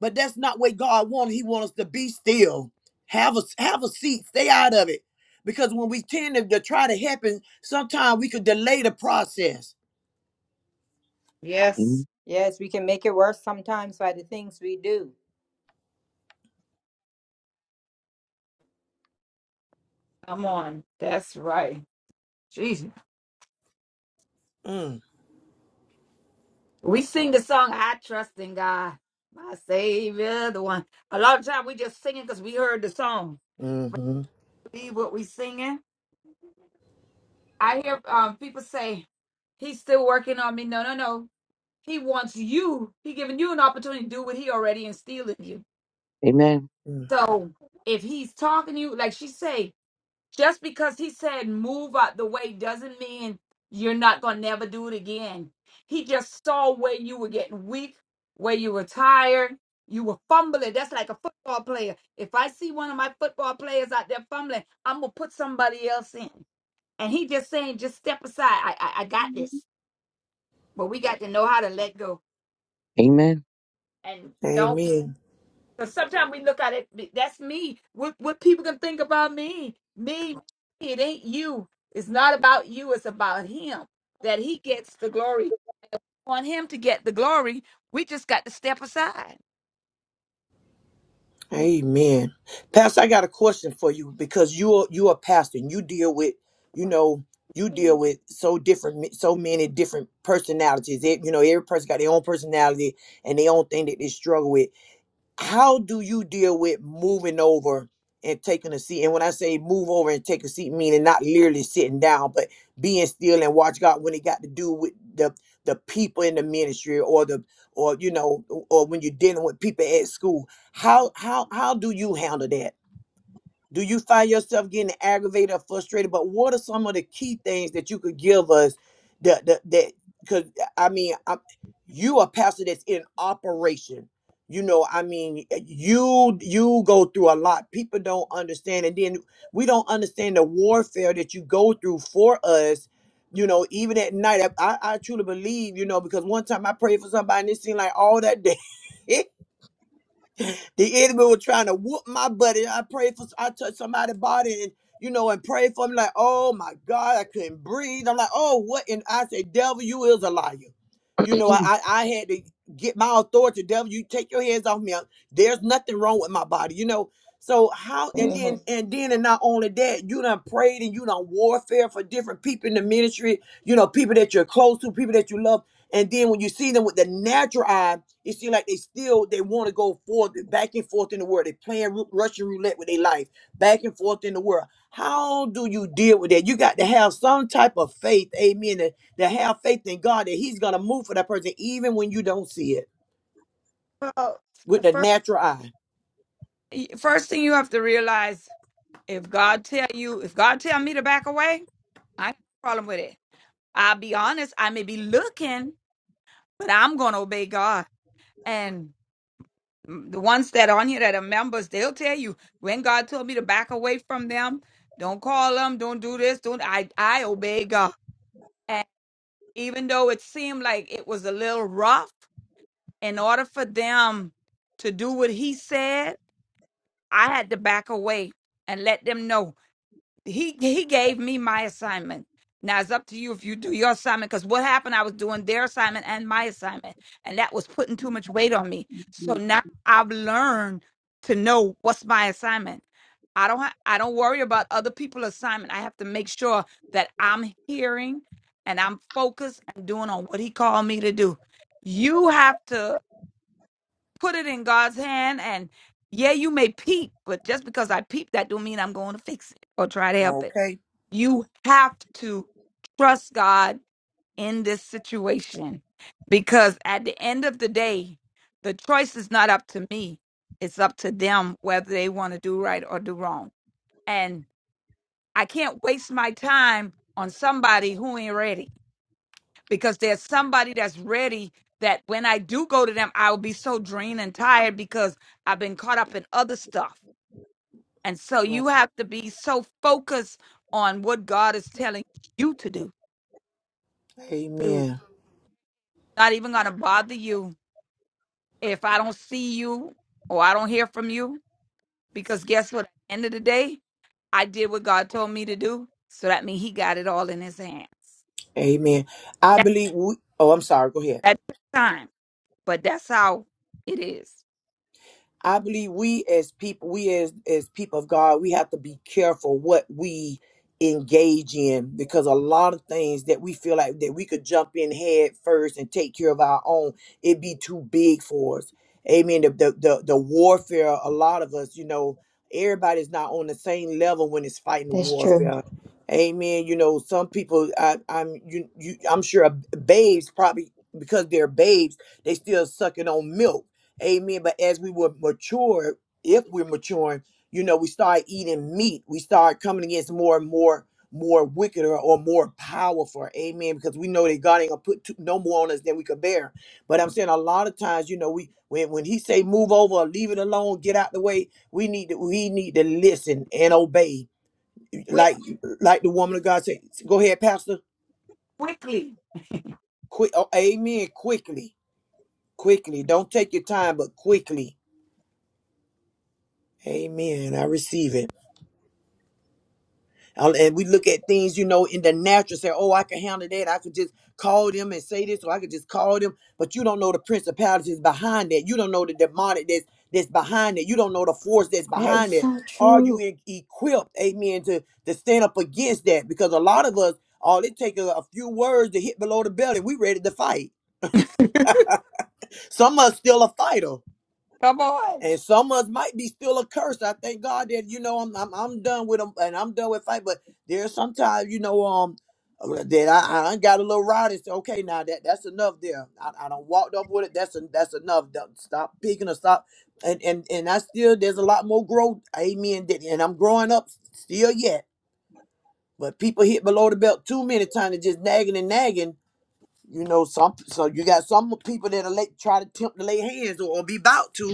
D: But that's not what God wants. He wants us to be still. Have a have a seat. Stay out of it. Because when we tend to, to try to happen, sometimes we could delay the process.
B: Yes.
F: Yes, we can make it worse sometimes by the things we do.
B: Come on, that's right. Jesus.
D: Mm.
B: We sing the song "I Trust in God, My Savior, the One." A lot of time we just singing because we heard the song.
D: hmm
B: Believe what we singing. I hear um, people say, "He's still working on me." No, no, no. He wants you. He giving you an opportunity to do what he already instilled in you.
A: Amen.
B: So if he's talking to you, like she say, Just because he said move out the way doesn't mean you're not going to never do it again. He just saw where you were getting weak, where you were tired, you were fumbling. That's like a football player. If I see one of my football players out there fumbling, I'm going to put somebody else in. And he just saying, just step aside. I, I, I got this. But we got to know how to let go
A: Amen.
B: and don't.
D: Amen.
B: Because sometimes we look at it, that's me. What what people can think about me? Me, it ain't you. It's not about you, it's about him. That he gets the glory. Want him to get the glory, we just got to step aside.
D: Amen. Pastor, I got a question for you because you're you're a pastor and you deal with, you know, you deal with so different so many different personalities. It, you know, every person got their own personality and their own thing that they struggle with how do you deal with moving over and taking a seat? And when I say move over and take a seat, meaning not literally sitting down, but being still and watch God when it got to do with the the people in the ministry or the or you know or when you're dealing with people at school. How how how do you handle that? Do you find yourself getting aggravated or frustrated? But what are some of the key things that you could give us that that that because I mean i you a pastor that's in operation. You know, I mean, eh, you you go through a lot. People don't understand, and then we don't understand the warfare that you go through for us. You know, even at night, I, I I truly believe, you know, because one time I prayed for somebody and it seemed like all that day the enemy was trying to whoop my buddy. I prayed for, I touched somebody's body and, you know, and prayed for him. Like, oh my God, I couldn't breathe. I'm like, oh, what? And I said, devil, you is a liar. You know, I, I I had to get my authority. Devil, you take your hands off me. I- There's nothing wrong with my body, you know. So how and
F: hmm
D: then and then and not only that, you done prayed and you done warfare for different people in the ministry, you know, people that you're close to, people that you love. And then when you see them with the natural eye, it seems like they still they want to go forth and back and forth in the world. They playing Ru- Russian roulette with their life, back and forth in the world. How do you deal with that? You got to have some type of faith, amen, to, to have faith in God that He's gonna move for that person, even when you don't see it
B: Well,
D: with
B: the
D: the
B: first,
D: natural eye.
B: first thing you have to realize, if God tell you, if God tell me to back away, I ain't no problem with it. I'll be honest, I may be looking, but I'm gonna obey God. and. m- the ones that are on here that are members, they'll tell you when God told me to back away from them, don't call them, don't do this, don't I I obey God. And even though it seemed like it was a little rough, in order for them to do what he said, I had to back away and let them know he he gave me my assignment. Now it's up to you if you do your assignment. Because what happened, I was doing their assignment and my assignment, and that was putting too much weight on me. So now I've learned to know what's my assignment. I don't ha- I don't worry about other people's assignment. I have to make sure that I'm hearing and I'm focused and doing on what he called me to do. You have to put it in God's hand and yeah, you may peep, but just because I peep that don't mean I'm going to fix it or try to help it.
D: Okay.
B: You have to trust God in this situation because at the end of the day, the choice is not up to me. It's up to them whether they want to do right or do wrong. And I can't waste my time on somebody who ain't ready because there's somebody that's ready that when I do go to them, I'll be so drained and tired because I've been caught up in other stuff. And so
D: Right.
B: you have to be so focused on what God is telling you to do
D: Amen.
B: Not even going to bother you if I don't see you or I don't hear from you. Because guess what? At the end of the day, I did what God told me to do. So that means He got it all in His hands.
D: Amen. I
B: That,
D: believe we. Oh, I'm sorry. Go ahead.
B: that took time, but that's how it is.
D: I believe we as people, we as as people of God, we have to be careful what we engage in because a lot of things that we feel like that we could jump in head first and take care of our own, it'd be too big for us. Amen. The the the, the warfare, a lot of us, you know, everybody's not on the same level when it's fighting
F: That's true.
D: warfare. Amen. You know, some people, I, I'm you, you, I'm sure uh, babes probably because they're babes, they still sucking on milk Amen. But as we were mature, if we're maturing, you know, we start eating meat. We start coming against more and more, more wicked or, or more powerful. Amen. Because we know that God ain't gonna put too, no more on us than we could bear. But I'm saying a lot of times, you know, we when when He say move over or leave it alone, get out the way, we need to we need to listen and obey.
B: Quick,
D: Like like the woman of God said, go ahead, Pastor.
B: quickly.
D: Quick, oh, Amen. Quickly, quickly. Don't take your time, but quickly. Amen. I receive it. Uh, And we look at things, you know, in the natural, say, oh, I can handle that. I could just call them and say this, or I could just call them. But you don't know the principalities behind that. You don't know the demonic that's that's behind it. You don't know the force that's
F: That is
D: behind it.
F: so
D: Are you
F: true.
D: e- equipped, amen, to, to stand up against that? Because a lot of us, all it takes a, a few words to hit below the belt, and we ready to fight. Some of us still a fighter
B: Come on.
D: and some of us might be still a curse. I thank God that you know I'm I'm, I'm done with them and I'm done with fight. But there's sometimes you know um uh, that I, I got a little rowdy. and say, okay, now that that's enough. There, I, I don't walked off with it. That's en- that's enough. Don't Stop picking or stop. And and and I still there's a lot more growth. Amen. that- And I'm growing up still yet. But people hit below the belt too many times and just nagging and nagging. You know some so you got some people that are late try to tempt to lay hands or, or be about to.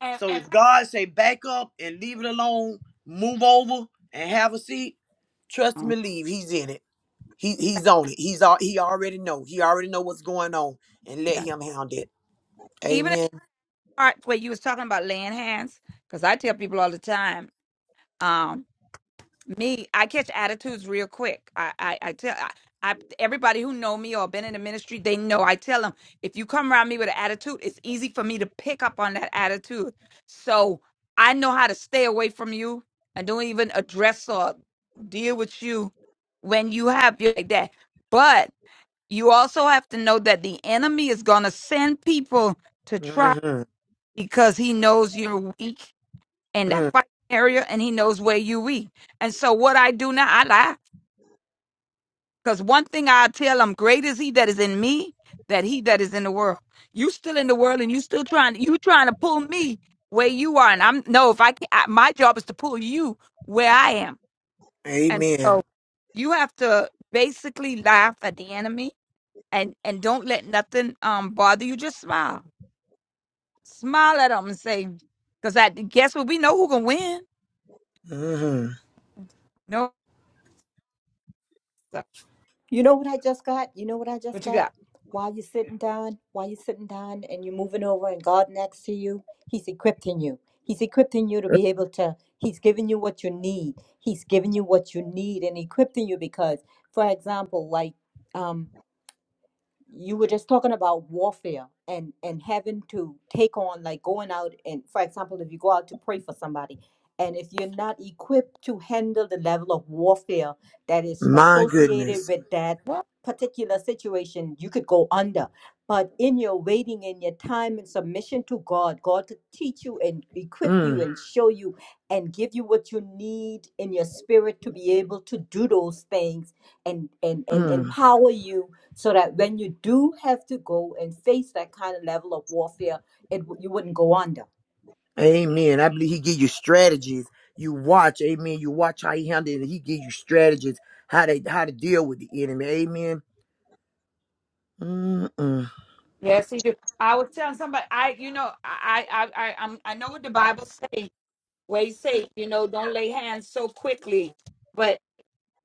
B: And,
D: So if
B: and
D: God say back up and leave it alone, move over and have a seat, trust and believe he's in it. He he's on it. He's all he already know. He already know what's going on. And let
B: yeah.
D: him hound it.
B: Even in
D: Amen.
B: the part where you was talking about laying hands, because I tell people all the time. um, me i catch attitudes real quick i i, I tell I, I, everybody who know me or been in the ministry they know i tell them if you come around me with an attitude it's easy for me to pick up on that attitude so i know how to stay away from you and don't even address or deal with you when you have you like that but you also have to know that the enemy is going to send people to try
D: hmm
B: because he knows you're weak in that
D: Mm.
B: fighting area and he knows where you be. And so what I do now, I laugh. Because one thing I tell him, great is he that is in me, that he that is in the world. You still in the world and you still trying you trying to pull me where you are. And I'm no, if I can I, my job is to pull you where I am. And
D: Amen.
B: so you have to basically laugh at the enemy and and don't let nothing um bother you. Just smile. Smile at them and say, because I guess what we know who can win.
D: hmm
B: No, so
F: You know what I just got? You know what I just
B: what you
F: got?
B: got?
F: While you're sitting down, while you're sitting down and you're moving over and God next to you, He's equipping you. He's equipping you to be able to, He's giving you what you need. He's giving you what you need and equipping you because, for example, like, um. you were just talking about warfare and and having to take on like going out and for example if you go out to pray for somebody and if you're not equipped to handle the level of warfare that is
D: My
F: associated
D: goodness.
F: with that particular situation you could go under but in your waiting in your time and submission to god god could teach you and equip you
D: Mm.
F: and show you and give you what you need in your spirit to be able to do those things and and and
D: Mm.
F: empower you so that when you do have to go and face that kind of level of warfare, it w- you wouldn't go under.
D: Amen. I believe he give you strategies. You watch, amen. You watch how he handled it. He give you strategies how to how to deal with the enemy. Amen. Mm-mm.
B: Yes, he do. I was telling somebody, I, you know, I, I, I, I'm, I know what the Bible say, where he say, you know, don't lay hands so quickly. But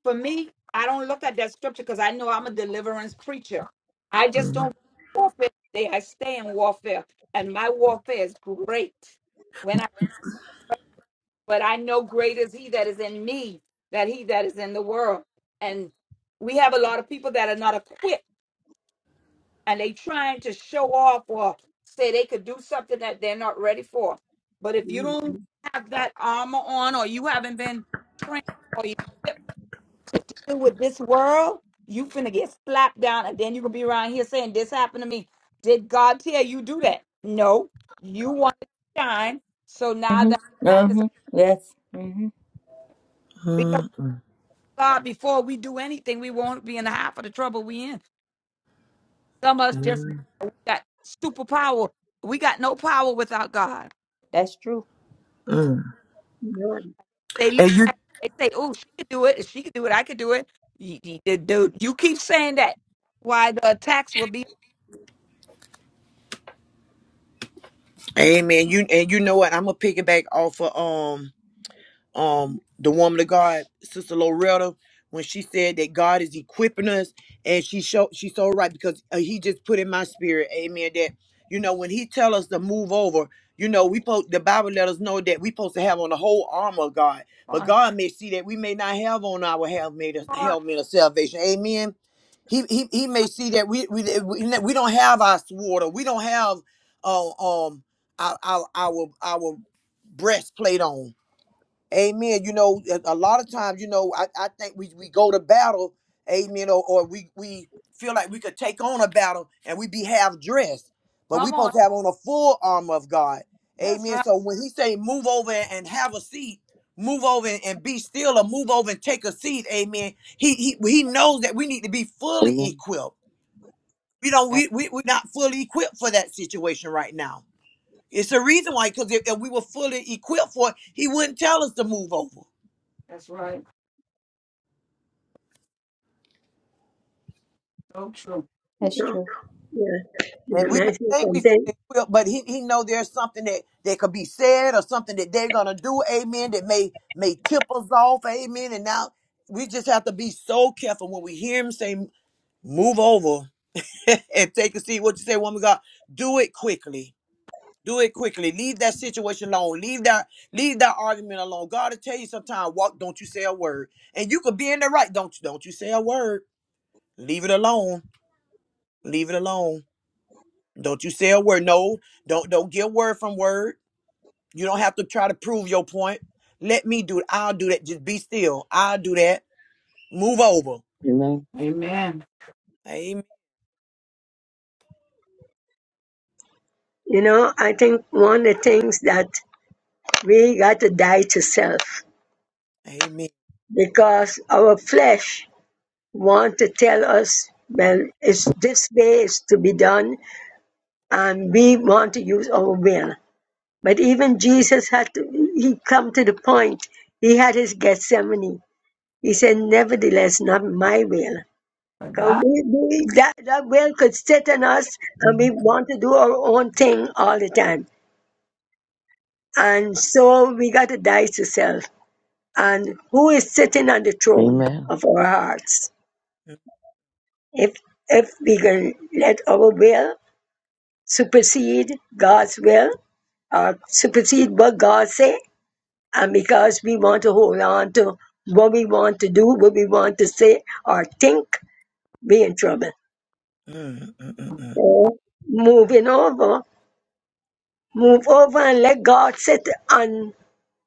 B: for me, I don't look at that scripture because I know I'm a deliverance preacher. I just don't warfare. Day. I stay in warfare, and my warfare is great. When I, but I know great is He that is in me, that He that is in the world, and we have a lot of people that are not equipped and they trying to show off or say they could do something that they're not ready for. But if you don't
E: Mhm.
B: have that armor on or you haven't been trained or you equipped to deal with this world, you finna get slapped down and then you're gonna be around here saying this happened to me. Did God tell you do that? No. You want to shine. So now that
F: Mm-hmm.
B: attack is
F: Mm-hmm. Yes. Mm-hmm.
B: because of
D: Mm-hmm.
B: God, before we do anything, we won't be in the half of the trouble we in. Some of us just
D: Mm,
B: we got superpower. We got no power without God.
F: That's true.
D: mm.
E: No,
B: They look
D: And you,
B: at it, they say, "Oh, she could do it. If She could do it. I could do it." You, you, the- dude, you keep saying that. Why the attacks will be
D: Amen. You and you know what? I'm gonna piggyback off of um um the woman of God, Sister Loretta, when she said that God is equipping us, and she showed she's so right because uh, He just put in my spirit, Amen. That you know when He tell us to move over, you know we po- the Bible let us know that we supposed to have on the whole armor of God, but
B: on?
D: God may see that we may not have on our helmet of-
B: Come on,
D: helmet of salvation, Amen. He, he, he may see that we, we we we don't have our sword or we don't have uh, um our, our our our breastplate on Amen. You know, a a lot of times, you know, I, I think we, we go to battle, amen, or, or we, we feel like we could take on a battle and we be half dressed, but we
B: come on.
D: supposed to have on a full armor of God.
B: That's
D: Amen.
B: right.
D: So when he say move over and have a seat, move over and and be still or move over and take a seat, amen. He he, he knows that we need to be fully
A: Amen.
D: equipped. You know, we,
B: That's
D: we, we're not fully equipped for that situation right now. It's the reason why, because if, if we were fully equipped for it, he wouldn't tell us to move over.
B: right.
F: That's
E: no,
F: true.
E: yeah. In the
D: And we may
E: message
D: think we
E: and then,
D: fully equipped, but he, he know there's something that, that could be said or something that they're gonna do, amen, that may may tip us off, amen. And now we just have to be so careful when we hear him say, move over and take a seat. What you say, woman of God, do it quickly. Do it quickly. Leave that situation alone. Leave that leave that argument alone. God will tell you sometimes walk, don't you say a word. And you could be in the right, don't you don't you say a word. Leave it alone. Leave it alone Don't you say a word. No, don't don't get word from word. You don't have to try to prove your point. Let me do it. I'll do that. Just be still. I'll do that. Move over.
A: Amen.
B: Amen.
D: Amen.
E: you know, I think one of the things that we got to die to self
D: Amen.
E: because our flesh want to tell us well it's this way is to be done and we want to use our will but even jesus had to he come to the point he had his gethsemane he said nevertheless not my will."
B: For God.
E: So we, we, that, that will could sit in us and we
F: Mhm.
E: want to do our own thing all the time and so we got to die to self and who is sitting on the
A: Amen.
E: throne of our hearts.
D: Mm,
E: If if we can let our will supersede God's will or supersede what God say, and because we want to hold on to what we want to do, what we want to say or think, be in trouble.
D: mm, mm, mm.
E: So moving over, move over and let God sit on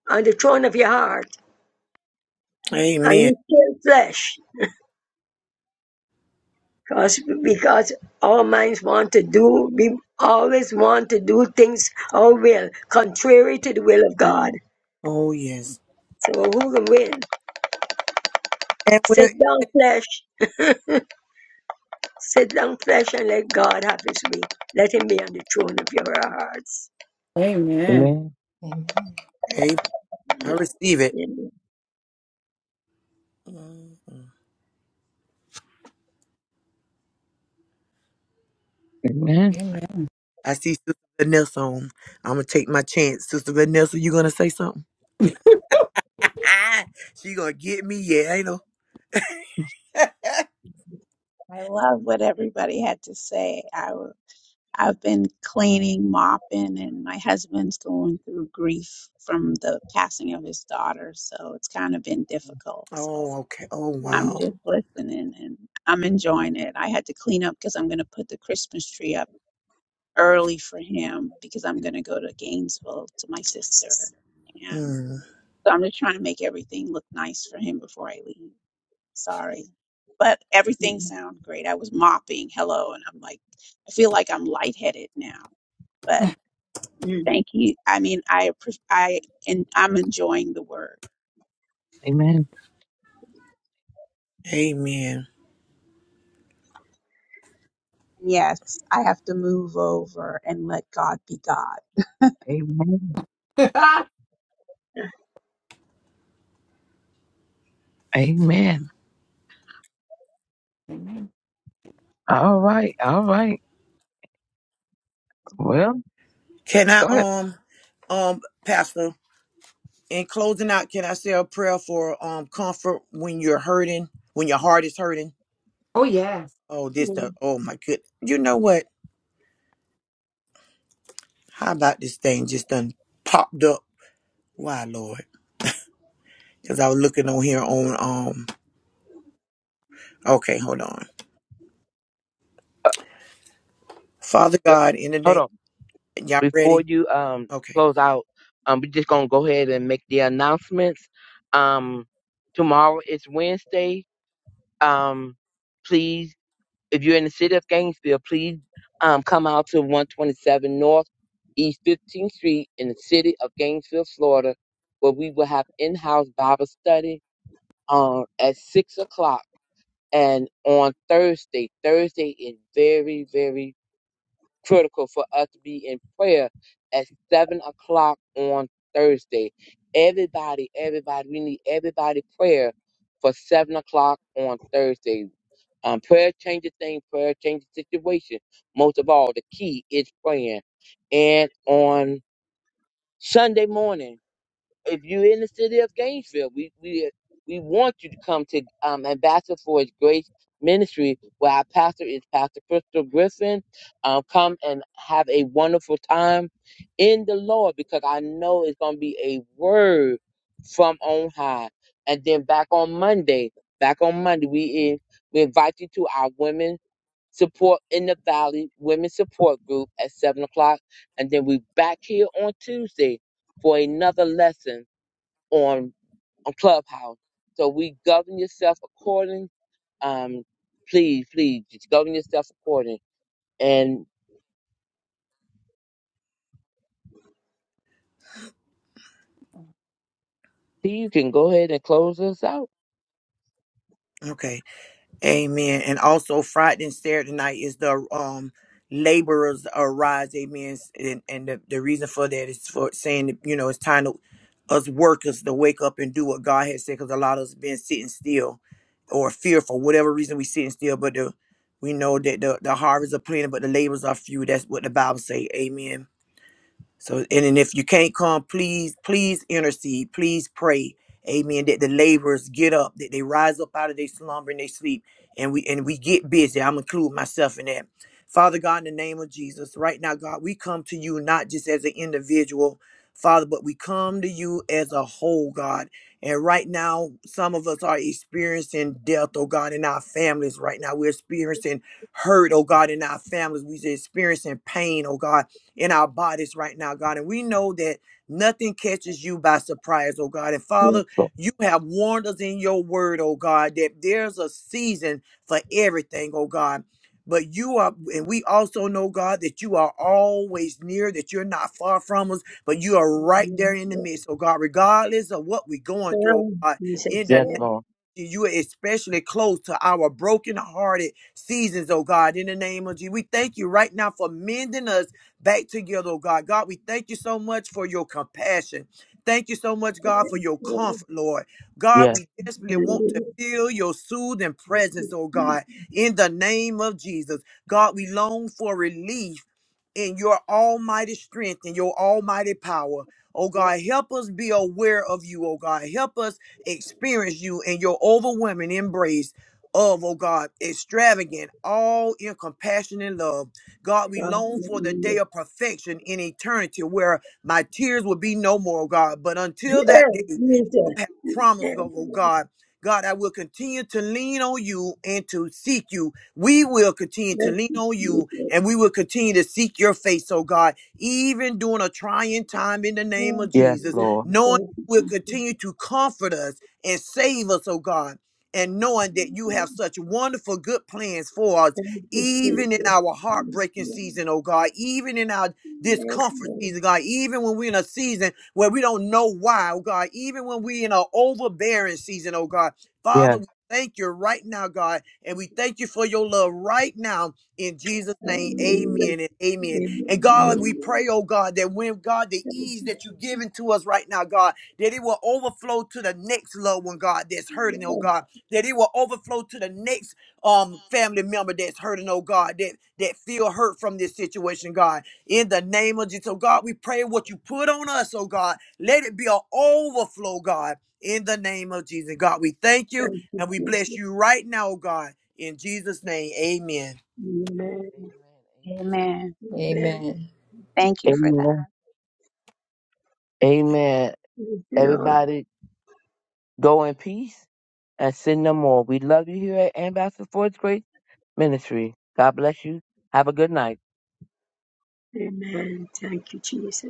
E: on the throne of your heart and
D: Amen.
E: you kill flesh Cause, because our minds want to do, we always want to do things our will, contrary to the will of God.
D: Oh yes.
E: So who can win?
D: And we'll,
E: Sit down, flesh. Sit down, flesh, and let God have his way. Let him be on the throne of your hearts.
B: Amen.
A: Amen.
F: Amen.
D: amen. I
E: Mm,
D: receive it.
E: mm,
D: Mm, mm.
A: Amen.
B: Amen.
D: I see Sister Vanessa on. I'm gonna take my chance. Sister Vanessa, you gonna say something? she gonna get me, yeah, I know.
G: I love what everybody had to say. I, w- I've been cleaning, mopping, and my husband's going through grief from the passing of his daughter. So it's kind of been difficult. So
D: oh, okay. Oh
G: I'm
D: wow.
G: just listening and I'm enjoying it. I had to clean up because I'm going to put the Christmas tree up early for him because I'm going to go to Gainesville to my sister. And
D: Mm.
G: so I'm just trying to make everything look nice for him before I leave. Sorry. But everything
E: mm,
G: sounds great. I was mopping, hello, and I'm like, I feel like I'm lightheaded now. But
E: mm,
G: thank you. I mean, I appre- I and I'm enjoying the word.
A: Amen. Amen.
D: Amen.
G: Yes, I have to move over and let God be God.
A: Amen. Amen. All right. All right. Well,
D: Can
A: go
D: I
A: ahead.
D: um um Pastor in closing out, can I say a prayer for um comfort when you're hurting, when your heart is hurting?
B: oh yeah.
D: Oh, this the
E: mm.
D: oh my good. You know what? How about this thing just done popped up? Why, Lord? Because I was looking on here on um okay, hold on.
A: Uh,
D: Father
A: but-
D: God, in the
A: Hold
D: name
A: on.
D: y'all
A: before
D: ready?
A: you um
D: Okay.
A: close out, um, we're just gonna go ahead and make the announcements. Um, tomorrow is Wednesday. Um, please, if you're in the city of Gainesville, please um come out to 127 North East 15th Street in the city of Gainesville, Florida, where we will have in-house Bible study um at six o'clock. And on Thursday, Thursday is very, very critical for us to be in prayer at seven o'clock on Thursday. Everybody, everybody, we need everybody prayer for seven o'clock on Thursday. Um, prayer changes things, prayer changes situation. Most of all, the key is praying. And on Sunday morning, if you're in the city of Gainesville, we we we want you to come to um, Ambassador for His Grace Ministry, where our pastor is Pastor Crystal Griffin. Um, come and have a wonderful time in the Lord, because I know it's going to be a word from on high. And then back on Monday, back on Monday, we in, we invite you to our women support in the Valley Women Support Group at seven o'clock, and then we back here on Tuesday for another lesson on on Clubhouse. So we govern yourself according. Um, please, please, just govern yourself according. And Steve, you can go ahead and close us out.
D: Okay. Amen. And also Friday and Saturday night is the um laborers arise. Amen. And, and the, the reason for that is for saying that, you know it's time to us workers to wake up and do what God has said because a lot of us been sitting still or fear for whatever reason we sitting still. But the we know that the, the harvest are plenty, but the laborers are few. That's what the Bible say. Amen. So, and, and if you can't come, please, please intercede. Please pray. Amen. That the laborers get up, that they rise up out of their slumber and they sleep, and we and we get busy. I'm include myself in that. Father God, in the name of Jesus, right now, God, we come to you not just as an individual, Father, but we come to you as a whole, God. And right now, some of us are experiencing death, oh God, in our families right now. We're experiencing hurt, oh God, in our families. We're experiencing pain, oh God in our bodies right now, God. And we know that nothing catches you by surprise, oh God. And
A: Yes,
D: Father,
A: Lord.
D: you have warned us in your word, oh God, that there's a season for everything, oh God. But you are, and we also know, God, that you are always near, that you're not far from us, but you are right there in the midst, oh God, regardless of what we're going through, oh
E: Oh,
D: God,
E: Jesus,
D: in the
A: Yes,
E: yeah.
A: Lord.
D: you are especially close to our broken-hearted seasons, oh God, in the name of Jesus. We thank you right now for mending us back together, oh God. God, we thank you so much for your compassion. Thank you so much, God, for your
E: Yeah.
D: comfort, Lord. God,
A: Yes,
D: we desperately want to feel your soothing presence, oh God, in the name of Jesus. God, we long for relief in your almighty strength and your almighty power. Oh God, help us be aware of you, oh God. Help us experience you in your overwhelming embrace of, oh God, extravagant, all in compassion and love. God, we long for the day
E: Hallelujah.
D: of perfection in eternity where my tears will be no more, oh God. But until that
E: Hallelujah.
D: day,
E: Yeah,
D: you
E: Jesus.
D: have promised,
E: Yeah.
D: oh oh God, God, I will continue to lean on you and to seek you. We will continue to
E: Thank
D: lean
E: you,
D: on you
E: Jesus.
D: and we will continue to seek your face, oh God, even during a trying time in the name of
E: Thank you,
A: yes,
D: Jesus,
E: Jesus.
A: Lord.
D: knowing
E: Thank
D: you will
E: you,
D: continue to comfort us and save us, oh God. And knowing that you have such wonderful, good plans for us,
E: Thank you,
D: even in our
E: Jesus.
D: heartbreaking season, oh God, even in our
E: Yes,
D: discomfort
E: Lord.
D: season, God, even when we're in a season where we don't know why, oh God, even when we're in an overbearing season, oh God. Father,
A: Yes.
D: we thank you right now, God, and we thank you for your love right now in Jesus' name,
E: Hallelujah.
D: amen and amen. And
F: Yeah.
D: God, we pray,
E: Amen.
D: oh God, that when God, the ease
E: Thank
D: that you've given to us right now, God, that it will overflow to the next loved one, God, that's hurting, oh God, that it will overflow to the next um family member that's hurting, oh God, that that feel hurt from this situation, God. In the name of Jesus, oh God, we pray what you put on us, oh God, let it be an overflow, God. In the name of Jesus, God, we thank you
E: you,
D: and we bless
E: Jesus.
D: you right now, oh God. In Jesus' name, amen.
E: Amen.
G: Amen.
E: Thank
F: Amen.
E: you,
G: Thank
A: Amen.
G: you
E: Jesus.
G: for that.
A: Amen. Amen.
E: Thank you, Lord.
A: Everybody, go in peace and sin no more. We love you here at Ambassador Ford's Great Ministry. God bless you. Have a good night.
E: Amen. Thank you, Jesus.